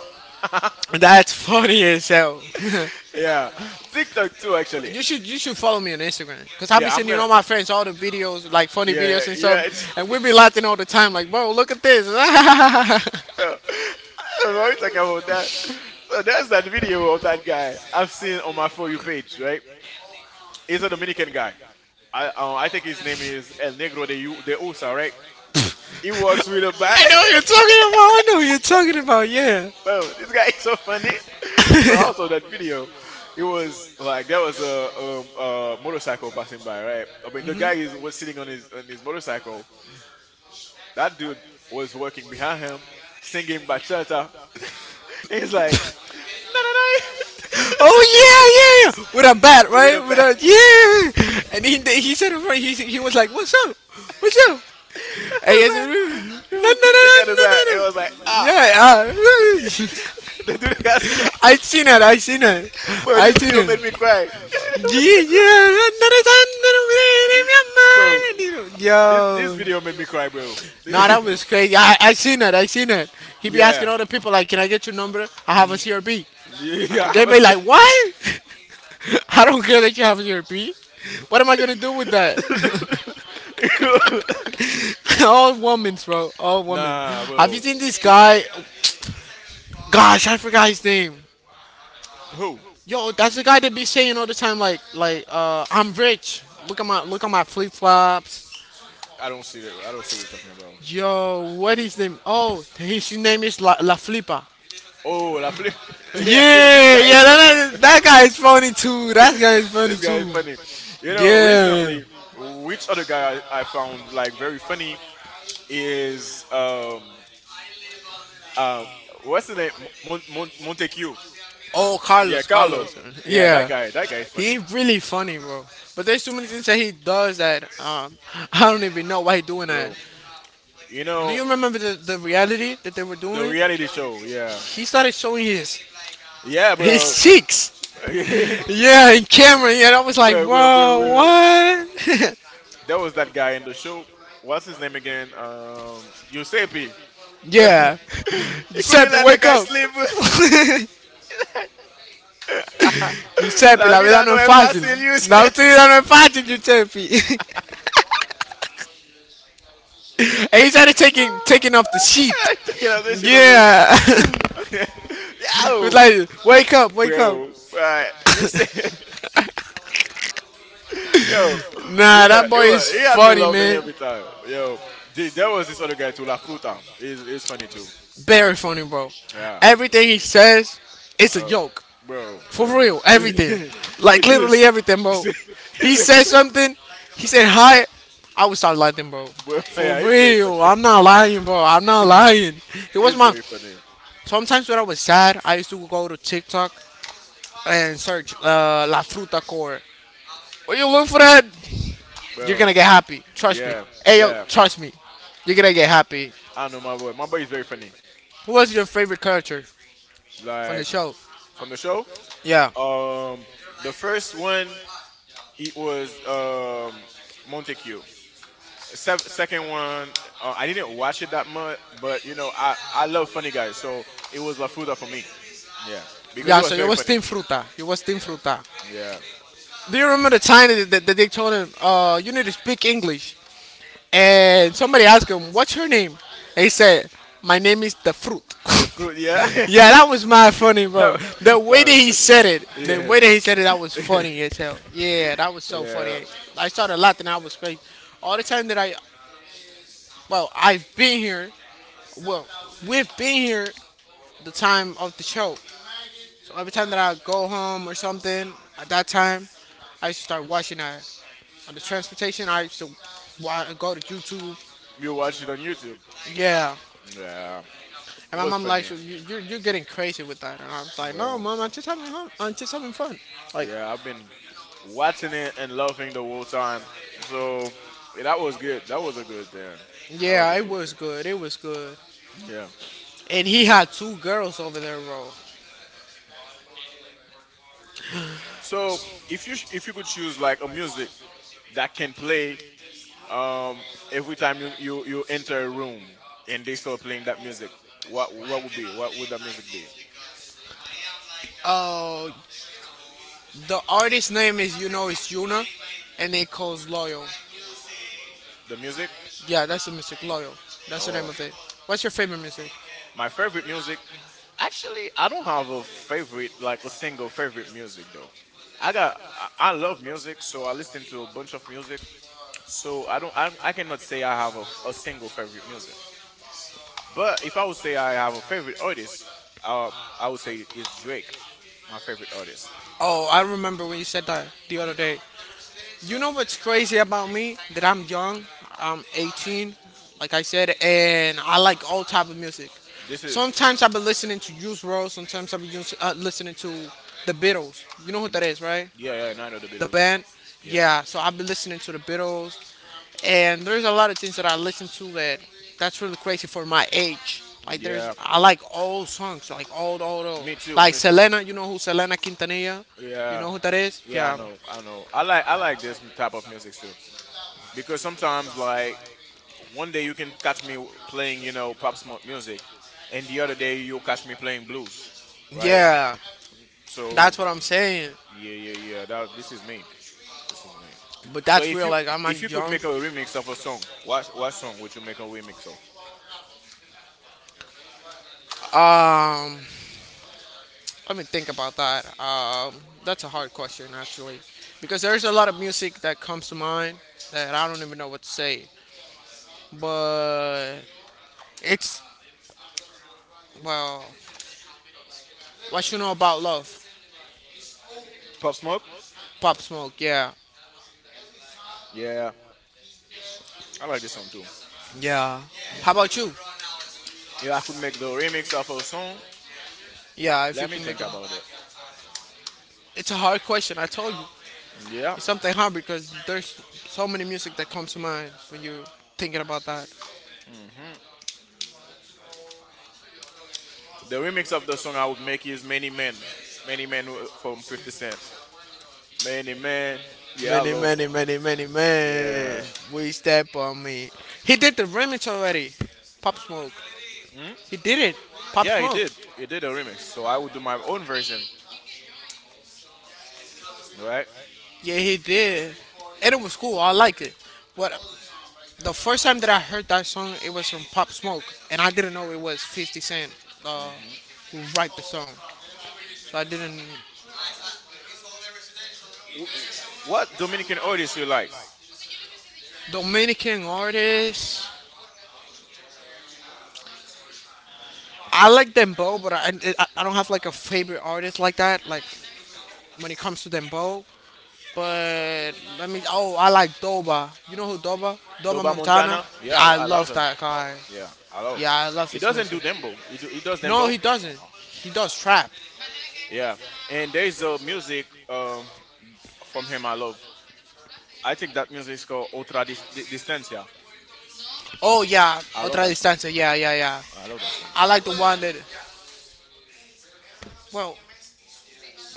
Speaker 1: That's funny as hell.
Speaker 2: yeah. TikTok too, actually.
Speaker 1: You should follow me on Instagram because I be
Speaker 2: Yeah, I'm
Speaker 1: sending
Speaker 2: gonna,
Speaker 1: all my friends all the videos like funny
Speaker 2: yeah, yeah,
Speaker 1: videos and
Speaker 2: yeah, it's,
Speaker 1: stuff, and we be laughing all the time. Like, bro, look at this.
Speaker 2: So, I'm already talking about that. So there's that video of that guy I've seen on my for you page, right? He's a Dominican guy. I think his name is El Negro de Usa, right? He works with a bat.
Speaker 1: I know what you're talking about. I know what you're talking about. Yeah.
Speaker 2: Bro, this guy is so funny. So also that video, it was like there was a motorcycle passing by, right? I mean the guy is was sitting on his motorcycle. That dude was working behind him, singing bachata. He's like,
Speaker 1: Oh yeah, yeah, yeah. With a bat,
Speaker 2: With
Speaker 1: right?
Speaker 2: a
Speaker 1: With
Speaker 2: bat.
Speaker 1: a Yeah. And he said it right. He He was like, "What's up? What's up?"
Speaker 2: I
Speaker 1: And he
Speaker 2: was
Speaker 1: said,
Speaker 2: like,
Speaker 1: "No,
Speaker 2: yo,
Speaker 1: no, no,
Speaker 2: it
Speaker 1: no,
Speaker 2: got a
Speaker 1: no, no,
Speaker 2: bat.
Speaker 1: no."
Speaker 2: It was like, ah.
Speaker 1: Yeah.
Speaker 2: the dude got scared.
Speaker 1: I seen it. I seen it.
Speaker 2: Bro,
Speaker 1: I
Speaker 2: this
Speaker 1: seen
Speaker 2: video made me
Speaker 1: it.
Speaker 2: cry. This video made me cry.
Speaker 1: Yeah,
Speaker 2: Bro, this
Speaker 1: yeah.
Speaker 2: video
Speaker 1: Yo.
Speaker 2: made me cry, bro.
Speaker 1: No,
Speaker 2: This-
Speaker 1: that was crazy. I seen it. I seen it. He be asking
Speaker 2: yeah.
Speaker 1: all the people like, "Can I get your number? I have a
Speaker 2: Mm,
Speaker 1: CRB."
Speaker 2: Yeah, I'm
Speaker 1: They be like, "What? I don't care that you have a CRB. What am I gonna do with that?"
Speaker 2: a...
Speaker 1: All women, bro. All women.
Speaker 2: Nah,
Speaker 1: Have you
Speaker 2: bro.
Speaker 1: seen this
Speaker 2: This,
Speaker 1: guy? Gosh, I forgot his name.
Speaker 2: who?
Speaker 1: Yo, that's the guy that be saying all the time like "I'm rich. Look at my flip flops."
Speaker 2: I don't see that. I don't see what you're talking about.
Speaker 1: Yo, what is his name? Oh, his name is La Flipa.
Speaker 2: Oh, La Flip. yeah, yeah, this
Speaker 1: Yeah,
Speaker 2: guy
Speaker 1: yeah,
Speaker 2: is funny.
Speaker 1: that guy is funny too. That guy is funny
Speaker 2: this guy is
Speaker 1: too.
Speaker 2: funny. You know,
Speaker 1: Yeah.
Speaker 2: recently, which other guy I found like very funny is um what's the name, Montague.
Speaker 1: Oh,
Speaker 2: Yeah,
Speaker 1: Carlos,
Speaker 2: Carlo.
Speaker 1: Carlos.
Speaker 2: Yeah, that
Speaker 1: Yeah,
Speaker 2: guy. That guy is
Speaker 1: he
Speaker 2: funny,
Speaker 1: really funny, bro. But there's too many things that he does that I don't even know why he doing that.
Speaker 2: bro. You
Speaker 1: Do
Speaker 2: know
Speaker 1: you remember the reality that they were
Speaker 2: the
Speaker 1: doing?
Speaker 2: reality show. Yeah,
Speaker 1: He started showing
Speaker 2: yeah,
Speaker 1: his
Speaker 2: bro.
Speaker 1: cheeks.
Speaker 2: bro,
Speaker 1: Yeah, in camera. Yeah, and I was like, bro,
Speaker 2: bro.
Speaker 1: what?
Speaker 2: There was that guy in the show. What's his name again? Giuseppe.
Speaker 1: Yeah.
Speaker 2: he couldn't
Speaker 1: Seppy,
Speaker 2: let the
Speaker 1: wake
Speaker 2: guy
Speaker 1: up.
Speaker 2: sleep.
Speaker 1: Giuseppe,
Speaker 2: La
Speaker 1: la vida
Speaker 2: vida
Speaker 1: no
Speaker 2: no
Speaker 1: es
Speaker 2: es
Speaker 1: fácil.
Speaker 2: fácil,
Speaker 1: La
Speaker 2: Yusef.
Speaker 1: vida no es fácil, Giuseppe. And he started taking off the sheet.
Speaker 2: Taking out the shit of
Speaker 1: Yeah.
Speaker 2: him.
Speaker 1: He was
Speaker 2: Yo,
Speaker 1: like, wake up, wake up.
Speaker 2: bro, but you say, yo, this,
Speaker 1: Nah, that
Speaker 2: it
Speaker 1: boy
Speaker 2: was,
Speaker 1: is
Speaker 2: he had me
Speaker 1: funny,
Speaker 2: laughing
Speaker 1: man.
Speaker 2: every time. Yo, there was this other guy too, La Fruta. It's funny too.
Speaker 1: Very funny, bro.
Speaker 2: Yeah, it's
Speaker 1: Everything
Speaker 2: funny.
Speaker 1: he says, it's a
Speaker 2: Oh,
Speaker 1: joke. For
Speaker 2: bro.
Speaker 1: real, everything. Like
Speaker 2: This
Speaker 1: literally
Speaker 2: is,
Speaker 1: everything, bro.
Speaker 2: he's,
Speaker 1: He
Speaker 2: he's,
Speaker 1: said something. He said hi. I would start laughing, bro.
Speaker 2: bro,
Speaker 1: For
Speaker 2: yeah, it's very
Speaker 1: real,
Speaker 2: funny.
Speaker 1: I'm not lying, bro. I'm not lying. It was
Speaker 2: It's
Speaker 1: my.
Speaker 2: very funny,
Speaker 1: Sometimes when I was sad, I used to go to TikTok and search La Fruta Core. When you look for that, you're
Speaker 2: bro.
Speaker 1: gonna get happy. Trust me.
Speaker 2: Yeah,
Speaker 1: Hey yo,
Speaker 2: yeah.
Speaker 1: trust me. You're gonna get happy.
Speaker 2: I know my boy. My boy is very funny.
Speaker 1: Who was your favorite character from the
Speaker 2: Like
Speaker 1: show?
Speaker 2: from the show,
Speaker 1: Yeah.
Speaker 2: um, the first one it was Montague. Second one, I didn't watch it that much, but you know, I love funny guys, so it was La Fruta for me. Yeah, because it
Speaker 1: Yeah,
Speaker 2: was
Speaker 1: so you
Speaker 2: very
Speaker 1: was
Speaker 2: funny.
Speaker 1: Team Fruta. You was Team Fruta.
Speaker 2: Yeah,
Speaker 1: Do you remember the time that they told him, you need to speak English? And somebody asked him, "What's your name?" And he said, "My name is the fruit."
Speaker 2: the fruit. Yeah,
Speaker 1: Yeah, that was my funny,
Speaker 2: that
Speaker 1: bro.
Speaker 2: was,
Speaker 1: The way
Speaker 2: that
Speaker 1: that
Speaker 2: was
Speaker 1: he
Speaker 2: funny.
Speaker 1: said it, the way that he said it, that was
Speaker 2: Yeah,
Speaker 1: funny as hell. Yeah, that was so
Speaker 2: yeah.
Speaker 1: funny. I started laughing. I was crazy. All the time that I, well, I've been here. Well, we've been here the time of the show. So every time that I go home or something, at that time, I used to start watching that on the transportation. I used to go to YouTube.
Speaker 2: You watch it on YouTube.
Speaker 1: Yeah,
Speaker 2: Yeah,
Speaker 1: and
Speaker 2: it
Speaker 1: my
Speaker 2: was
Speaker 1: mom like,
Speaker 2: funny.
Speaker 1: so you're getting crazy with that. And I was like, no,
Speaker 2: Well,
Speaker 1: mom, I'm just having fun. I'm just having fun. Like,
Speaker 2: yeah, I've been watching it and loving the whole time. So yeah, that was good. That was a good thing. That was
Speaker 1: yeah,
Speaker 2: a
Speaker 1: it
Speaker 2: good
Speaker 1: was
Speaker 2: thing.
Speaker 1: good. It was good.
Speaker 2: Yeah.
Speaker 1: And he
Speaker 2: So
Speaker 1: had two girls over there, bro.
Speaker 2: so if you could choose like a music that can play um every time you enter a room and they start playing that music, what would be what would that music be?
Speaker 1: Uh, the artist's name is, you know, it's Yuna. And they calls Loyal.
Speaker 2: The music?
Speaker 1: Yeah, that's the music, Loyal. That's the name
Speaker 2: Oh,
Speaker 1: of it. What's your favorite music?
Speaker 2: my favorite music. Actually, I don't have a favorite like a single favorite music though. I love music, so I listen to a bunch of music. So I don't, I cannot say I have a, a single favorite music. But if I would say I have a favorite artist, uh, I would say it's Drake, my favorite artist. Yeah,
Speaker 1: Oh, I remember when you said that the other
Speaker 2: yeah.
Speaker 1: day. You know what's crazy about me? That I'm young. I'm 18, like I said, and I like all type of music.
Speaker 2: This is,
Speaker 1: Sometimes I've been listening to Juice WRLD. Sometimes I've been listening to the Beatles. You know who that is, right?
Speaker 2: yeah, yeah. And I know the
Speaker 1: The
Speaker 2: Beatles.
Speaker 1: band.
Speaker 2: Yeah,
Speaker 1: Yeah. So I've been listening to the Beatles, and there's a lot of things that I listen to that that's really crazy for my age. Like
Speaker 2: yeah.
Speaker 1: there's, I like old songs, like old, old, old.
Speaker 2: Me too,
Speaker 1: Like
Speaker 2: me too.
Speaker 1: Selena. You know who Selena Quintanilla? You
Speaker 2: Yeah,
Speaker 1: know who that is?
Speaker 2: yeah.
Speaker 1: Yeah.
Speaker 2: I know. I like this type of music too because sometimes like one day you can catch me playing, you know, Pop Smoke music, and the other day you'll catch me playing blues, right?
Speaker 1: Yeah,
Speaker 2: So
Speaker 1: that's what I'm saying.
Speaker 2: yeah. That This is me. This is me.
Speaker 1: But
Speaker 2: So
Speaker 1: that's real. Like I'm
Speaker 2: if you
Speaker 1: not
Speaker 2: could
Speaker 1: young.
Speaker 2: make a remix of a song, what song would you make a remix of?
Speaker 1: Um, Let me think about that. That's a hard question actually, because there's a lot of music that comes to mind that I don't even know what to say. But it's well, what you know about love,
Speaker 2: Pop Smoke?
Speaker 1: Pop Smoke. Yeah,
Speaker 2: Yeah, I like this song too.
Speaker 1: yeah. How about you?
Speaker 2: If I could make the remix of a song,
Speaker 1: Yeah, if you
Speaker 2: let me
Speaker 1: can
Speaker 2: think
Speaker 1: make it.
Speaker 2: about it.
Speaker 1: It's a hard question. I told you,
Speaker 2: Yeah.
Speaker 1: it's something hard because there's so many music that comes to mind when you're thinking about that.
Speaker 2: hmm The remix of the song I would make is Many Men. From 50 Cent. Many Men. Yeah, I
Speaker 1: Many,
Speaker 2: love.
Speaker 1: many, many, many, man.
Speaker 2: Yeah.
Speaker 1: We step on me. He did the remix already. Pop Smoke.
Speaker 2: Hmm?
Speaker 1: He did it. Pop
Speaker 2: Yeah, he
Speaker 1: Smoke.
Speaker 2: did. He did a remix. So I would do my own version, right?
Speaker 1: Yeah, he did. And it was cool. I liked it. But the first time that I heard that song, it was from Pop Smoke. And I didn't know it was 50 Cent uh,
Speaker 2: hmm
Speaker 1: who write the song. So I didn't.
Speaker 2: What Dominican artist you like?
Speaker 1: Dominican artists. I like Dembo, but I I don't have like a favorite artist like that. Like when it comes to Dembo, but let me. Oh, I like Doba. You know who Doba? Doba
Speaker 2: Doba
Speaker 1: Montana.
Speaker 2: Montana?
Speaker 1: Yeah,
Speaker 2: Yeah,
Speaker 1: I
Speaker 2: I, I love
Speaker 1: love
Speaker 2: him.
Speaker 1: that guy.
Speaker 2: Yeah, I love
Speaker 1: Yeah,
Speaker 2: it.
Speaker 1: I love
Speaker 2: It
Speaker 1: his
Speaker 2: doesn't
Speaker 1: music.
Speaker 2: do dembo. It does
Speaker 1: No,
Speaker 2: dembo.
Speaker 1: he doesn't.
Speaker 2: Uh-huh.
Speaker 1: He does trap.
Speaker 2: Yeah, and there is a music from him I love. I think that music is called Distancia.
Speaker 1: Oh yeah,
Speaker 2: I love
Speaker 1: otra
Speaker 2: that song.
Speaker 1: distancia. Yeah, yeah, yeah.
Speaker 2: I love that song.
Speaker 1: I like the one that. Well,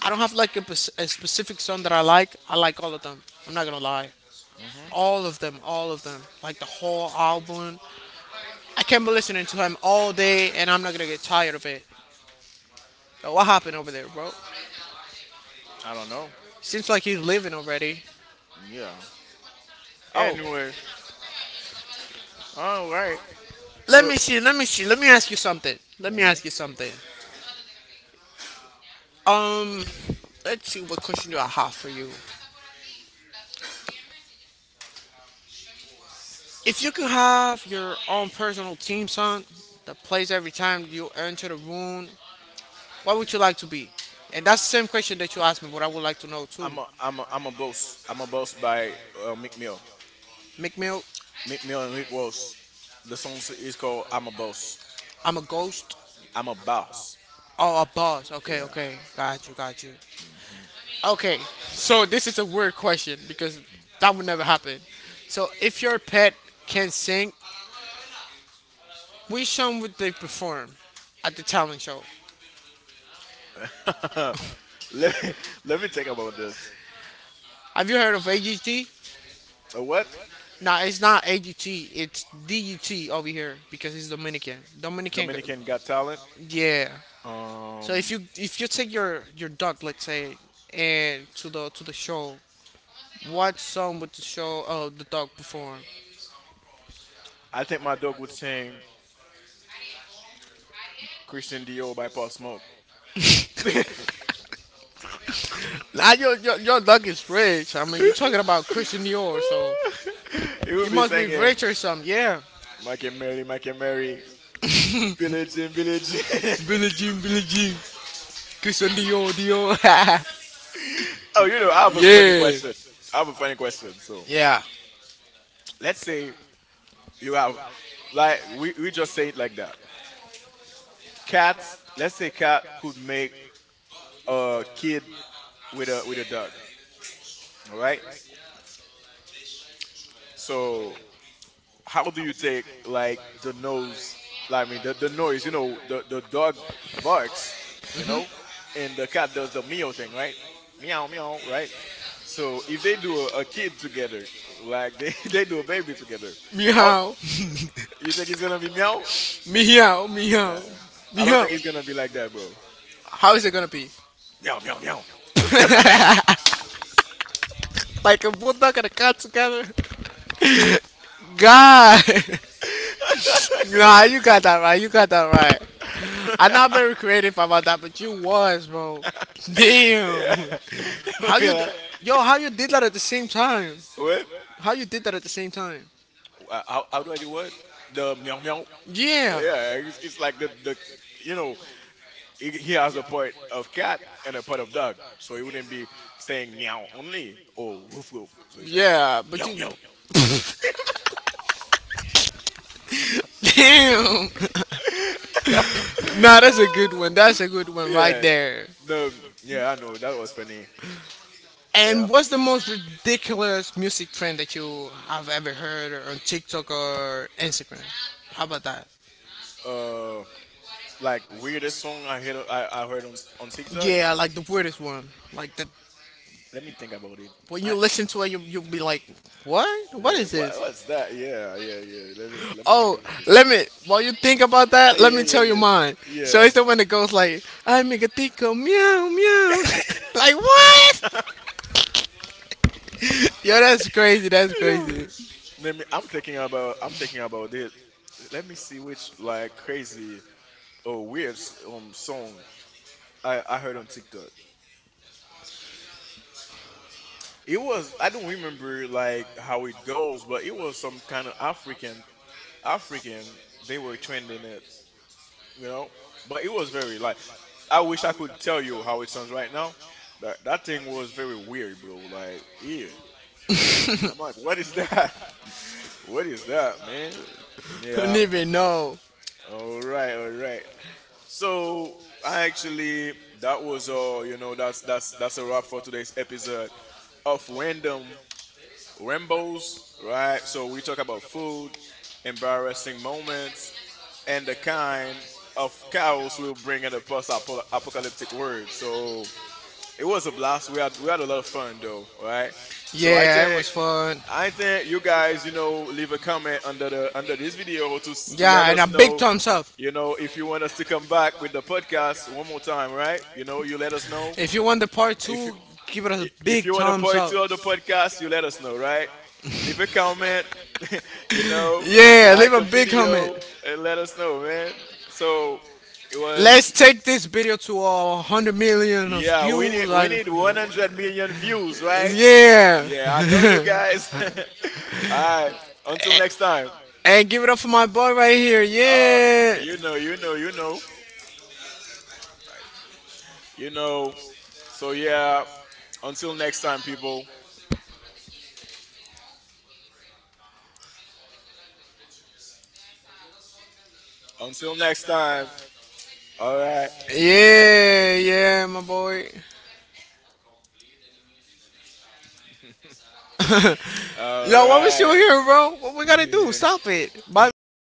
Speaker 1: I don't have like a specific song that I like. I like all of them. I'm not gonna lie.
Speaker 2: hmm
Speaker 1: All of them, all of them. Like the whole album. I can be listening to him all day, and I'm not gonna get tired of it. Yo, what happened over there, bro?
Speaker 2: I don't know.
Speaker 1: Seems like he's leaving already.
Speaker 2: Yeah.
Speaker 1: Oh,
Speaker 2: Anyway, all right.
Speaker 1: let
Speaker 2: So
Speaker 1: me see. Let me see. Let me ask you something. Let me
Speaker 2: hmm
Speaker 1: ask you something. Um, let's see. What question do I have for you? If you could have your own personal team son, that plays every time you enter the room, what would you like to be? And that's the same question that you asked me. What I would like to know too.
Speaker 2: I'm a boss. I'm a boss by Meek Mill.
Speaker 1: McMill,
Speaker 2: Meek Mill and Rick Ross. The song is called I'm a boss.
Speaker 1: I'm a ghost.
Speaker 2: I'm a boss.
Speaker 1: Oh, a boss. Okay,
Speaker 2: Yeah.
Speaker 1: okay. Got you, got you.
Speaker 2: hmm
Speaker 1: Okay, so this is a weird question because that would never happen. So if your pet can sing, we shown what they perform at the talent show.
Speaker 2: let me let me think about this.
Speaker 1: Have you heard of AGT?
Speaker 2: A what?
Speaker 1: No, it's not AGT. It's DUT over here because it's Dominican. Dominican,
Speaker 2: Dominican Got Talent.
Speaker 1: yeah.
Speaker 2: Um,
Speaker 1: So if you take your dog, let's say, and to the show, what song would the show the dog perform?
Speaker 2: I think my dog would sing Christian Dior by Paul Smoke. He
Speaker 1: Now your dog is rich. I mean, you're talking about Christian Dior, so
Speaker 2: would
Speaker 1: he
Speaker 2: be
Speaker 1: must be
Speaker 2: singing
Speaker 1: rich or something. Yeah.
Speaker 2: Mike and Mary, Billie Jean, Billie Jean.
Speaker 1: Billie Jean, Billie Jean, Christian Dior, Dior.
Speaker 2: Oh, you know, I have a funny
Speaker 1: Yeah.
Speaker 2: question. I have a funny question. So
Speaker 1: Yeah.
Speaker 2: let's say you have, like, we just say it like that. Cats, let's say cat could make a kid with a dog. All right. So how do you take like the nose, I mean the noise, you know, the dog barks, you know, and the cat does the meow thing, right? Meow meow, right? So if they do a kid together, like they, they do a baby together, how
Speaker 1: Meow.
Speaker 2: you think it's gonna be? Meow?
Speaker 1: Meow. Meow.
Speaker 2: Nah, I don't
Speaker 1: Meow.
Speaker 2: think it's gonna be like that, bro.
Speaker 1: How is it gonna be?
Speaker 2: Meow meow meow.
Speaker 1: Like a bulldog and a cat together? God! Nah, you got that right. You got that right. I'm not very creative about that, but you was, bro. Damn.
Speaker 2: Yeah.
Speaker 1: How
Speaker 2: Be
Speaker 1: you. d-
Speaker 2: like,
Speaker 1: Yo, how you did that at the same time?
Speaker 2: what?
Speaker 1: How you did that at the same time?
Speaker 2: How do I do what? The meow meow?
Speaker 1: Yeah.
Speaker 2: Yeah, it's like the you know, he has a part of cat and a part of dog, so he wouldn't be saying meow only or woof woof. So it's like
Speaker 1: Yeah, but
Speaker 2: meow
Speaker 1: you.
Speaker 2: meow.
Speaker 1: Damn. Nah, that's a good one. That's a good one right
Speaker 2: Yeah,
Speaker 1: there.
Speaker 2: the yeah, I know that was funny. Yeah,
Speaker 1: And what's the most ridiculous music trend that you have ever heard or on TikTok or Instagram? How about that?
Speaker 2: uh, like weirdest song I heard, I heard on TikTok.
Speaker 1: Yeah, like the weirdest one. Like that
Speaker 2: Let me think about it.
Speaker 1: when you
Speaker 2: I,
Speaker 1: listen to it, you you'll be like, "What? What
Speaker 2: yeah,
Speaker 1: is
Speaker 2: what
Speaker 1: this?"
Speaker 2: was that? Yeah, yeah, yeah. Let me think
Speaker 1: Oh,
Speaker 2: about it.
Speaker 1: let me. While you think about that, let
Speaker 2: Yeah,
Speaker 1: me tell you
Speaker 2: yeah,
Speaker 1: mine. So
Speaker 2: yeah,
Speaker 1: it's the one that goes like, "I am a tico meow meow." Like what? Yo, that's crazy. That's
Speaker 2: yeah.
Speaker 1: crazy.
Speaker 2: Let me. I'm thinking about it. Let me see which, like, crazy or weird song I heard on TikTok. It was. I don't remember like how it goes, but it was some kind of African. They were trending it, you know. But it was very like. I wish I could tell you how it sounds right now. That thing was very weird, bro. Like, yeah. I'm like, what is that? What is that, man?
Speaker 1: I don't
Speaker 2: Yeah.
Speaker 1: even know.
Speaker 2: All right. All right. So I actually that was all, you know, that's a wrap for today's episode of Random Rambos, right? So we talk about food, embarrassing moments, and the kind of chaos we'll bring in a post apocalyptic world. So it was a blast. We had a lot of fun though, right? So
Speaker 1: Yeah, it was fun.
Speaker 2: I think you guys, you know, leave a comment under the under this video to to let
Speaker 1: Yeah, and a
Speaker 2: us
Speaker 1: big
Speaker 2: know,
Speaker 1: thumbs up.
Speaker 2: you know, if you want us to come back with the podcast one more time, right? You know, you let us know
Speaker 1: If you want the part
Speaker 2: if you
Speaker 1: two, give it a
Speaker 2: if
Speaker 1: big
Speaker 2: you want a
Speaker 1: thumbs
Speaker 2: part
Speaker 1: up.
Speaker 2: two of the podcast, you let us know, right? Leave a comment, you know,
Speaker 1: Yeah,
Speaker 2: like
Speaker 1: leave a
Speaker 2: the
Speaker 1: big comment.
Speaker 2: video and let us know, man. So it was,
Speaker 1: Let's take this video to 100 million of
Speaker 2: yeah, we need
Speaker 1: views.
Speaker 2: we
Speaker 1: I-
Speaker 2: need 100 million views, right?
Speaker 1: yeah.
Speaker 2: Yeah, I know you guys. All right. Until next time.
Speaker 1: And give it up for my boy right here.
Speaker 2: Uh,
Speaker 1: Yeah.
Speaker 2: you know. Right. You know. So yeah. Until next time, people. Until next time. All right.
Speaker 1: Yeah, yeah, my boy.
Speaker 2: All
Speaker 1: Yo, why we still
Speaker 2: right.
Speaker 1: here, bro? What we gotta do? Stop it. Bye bye.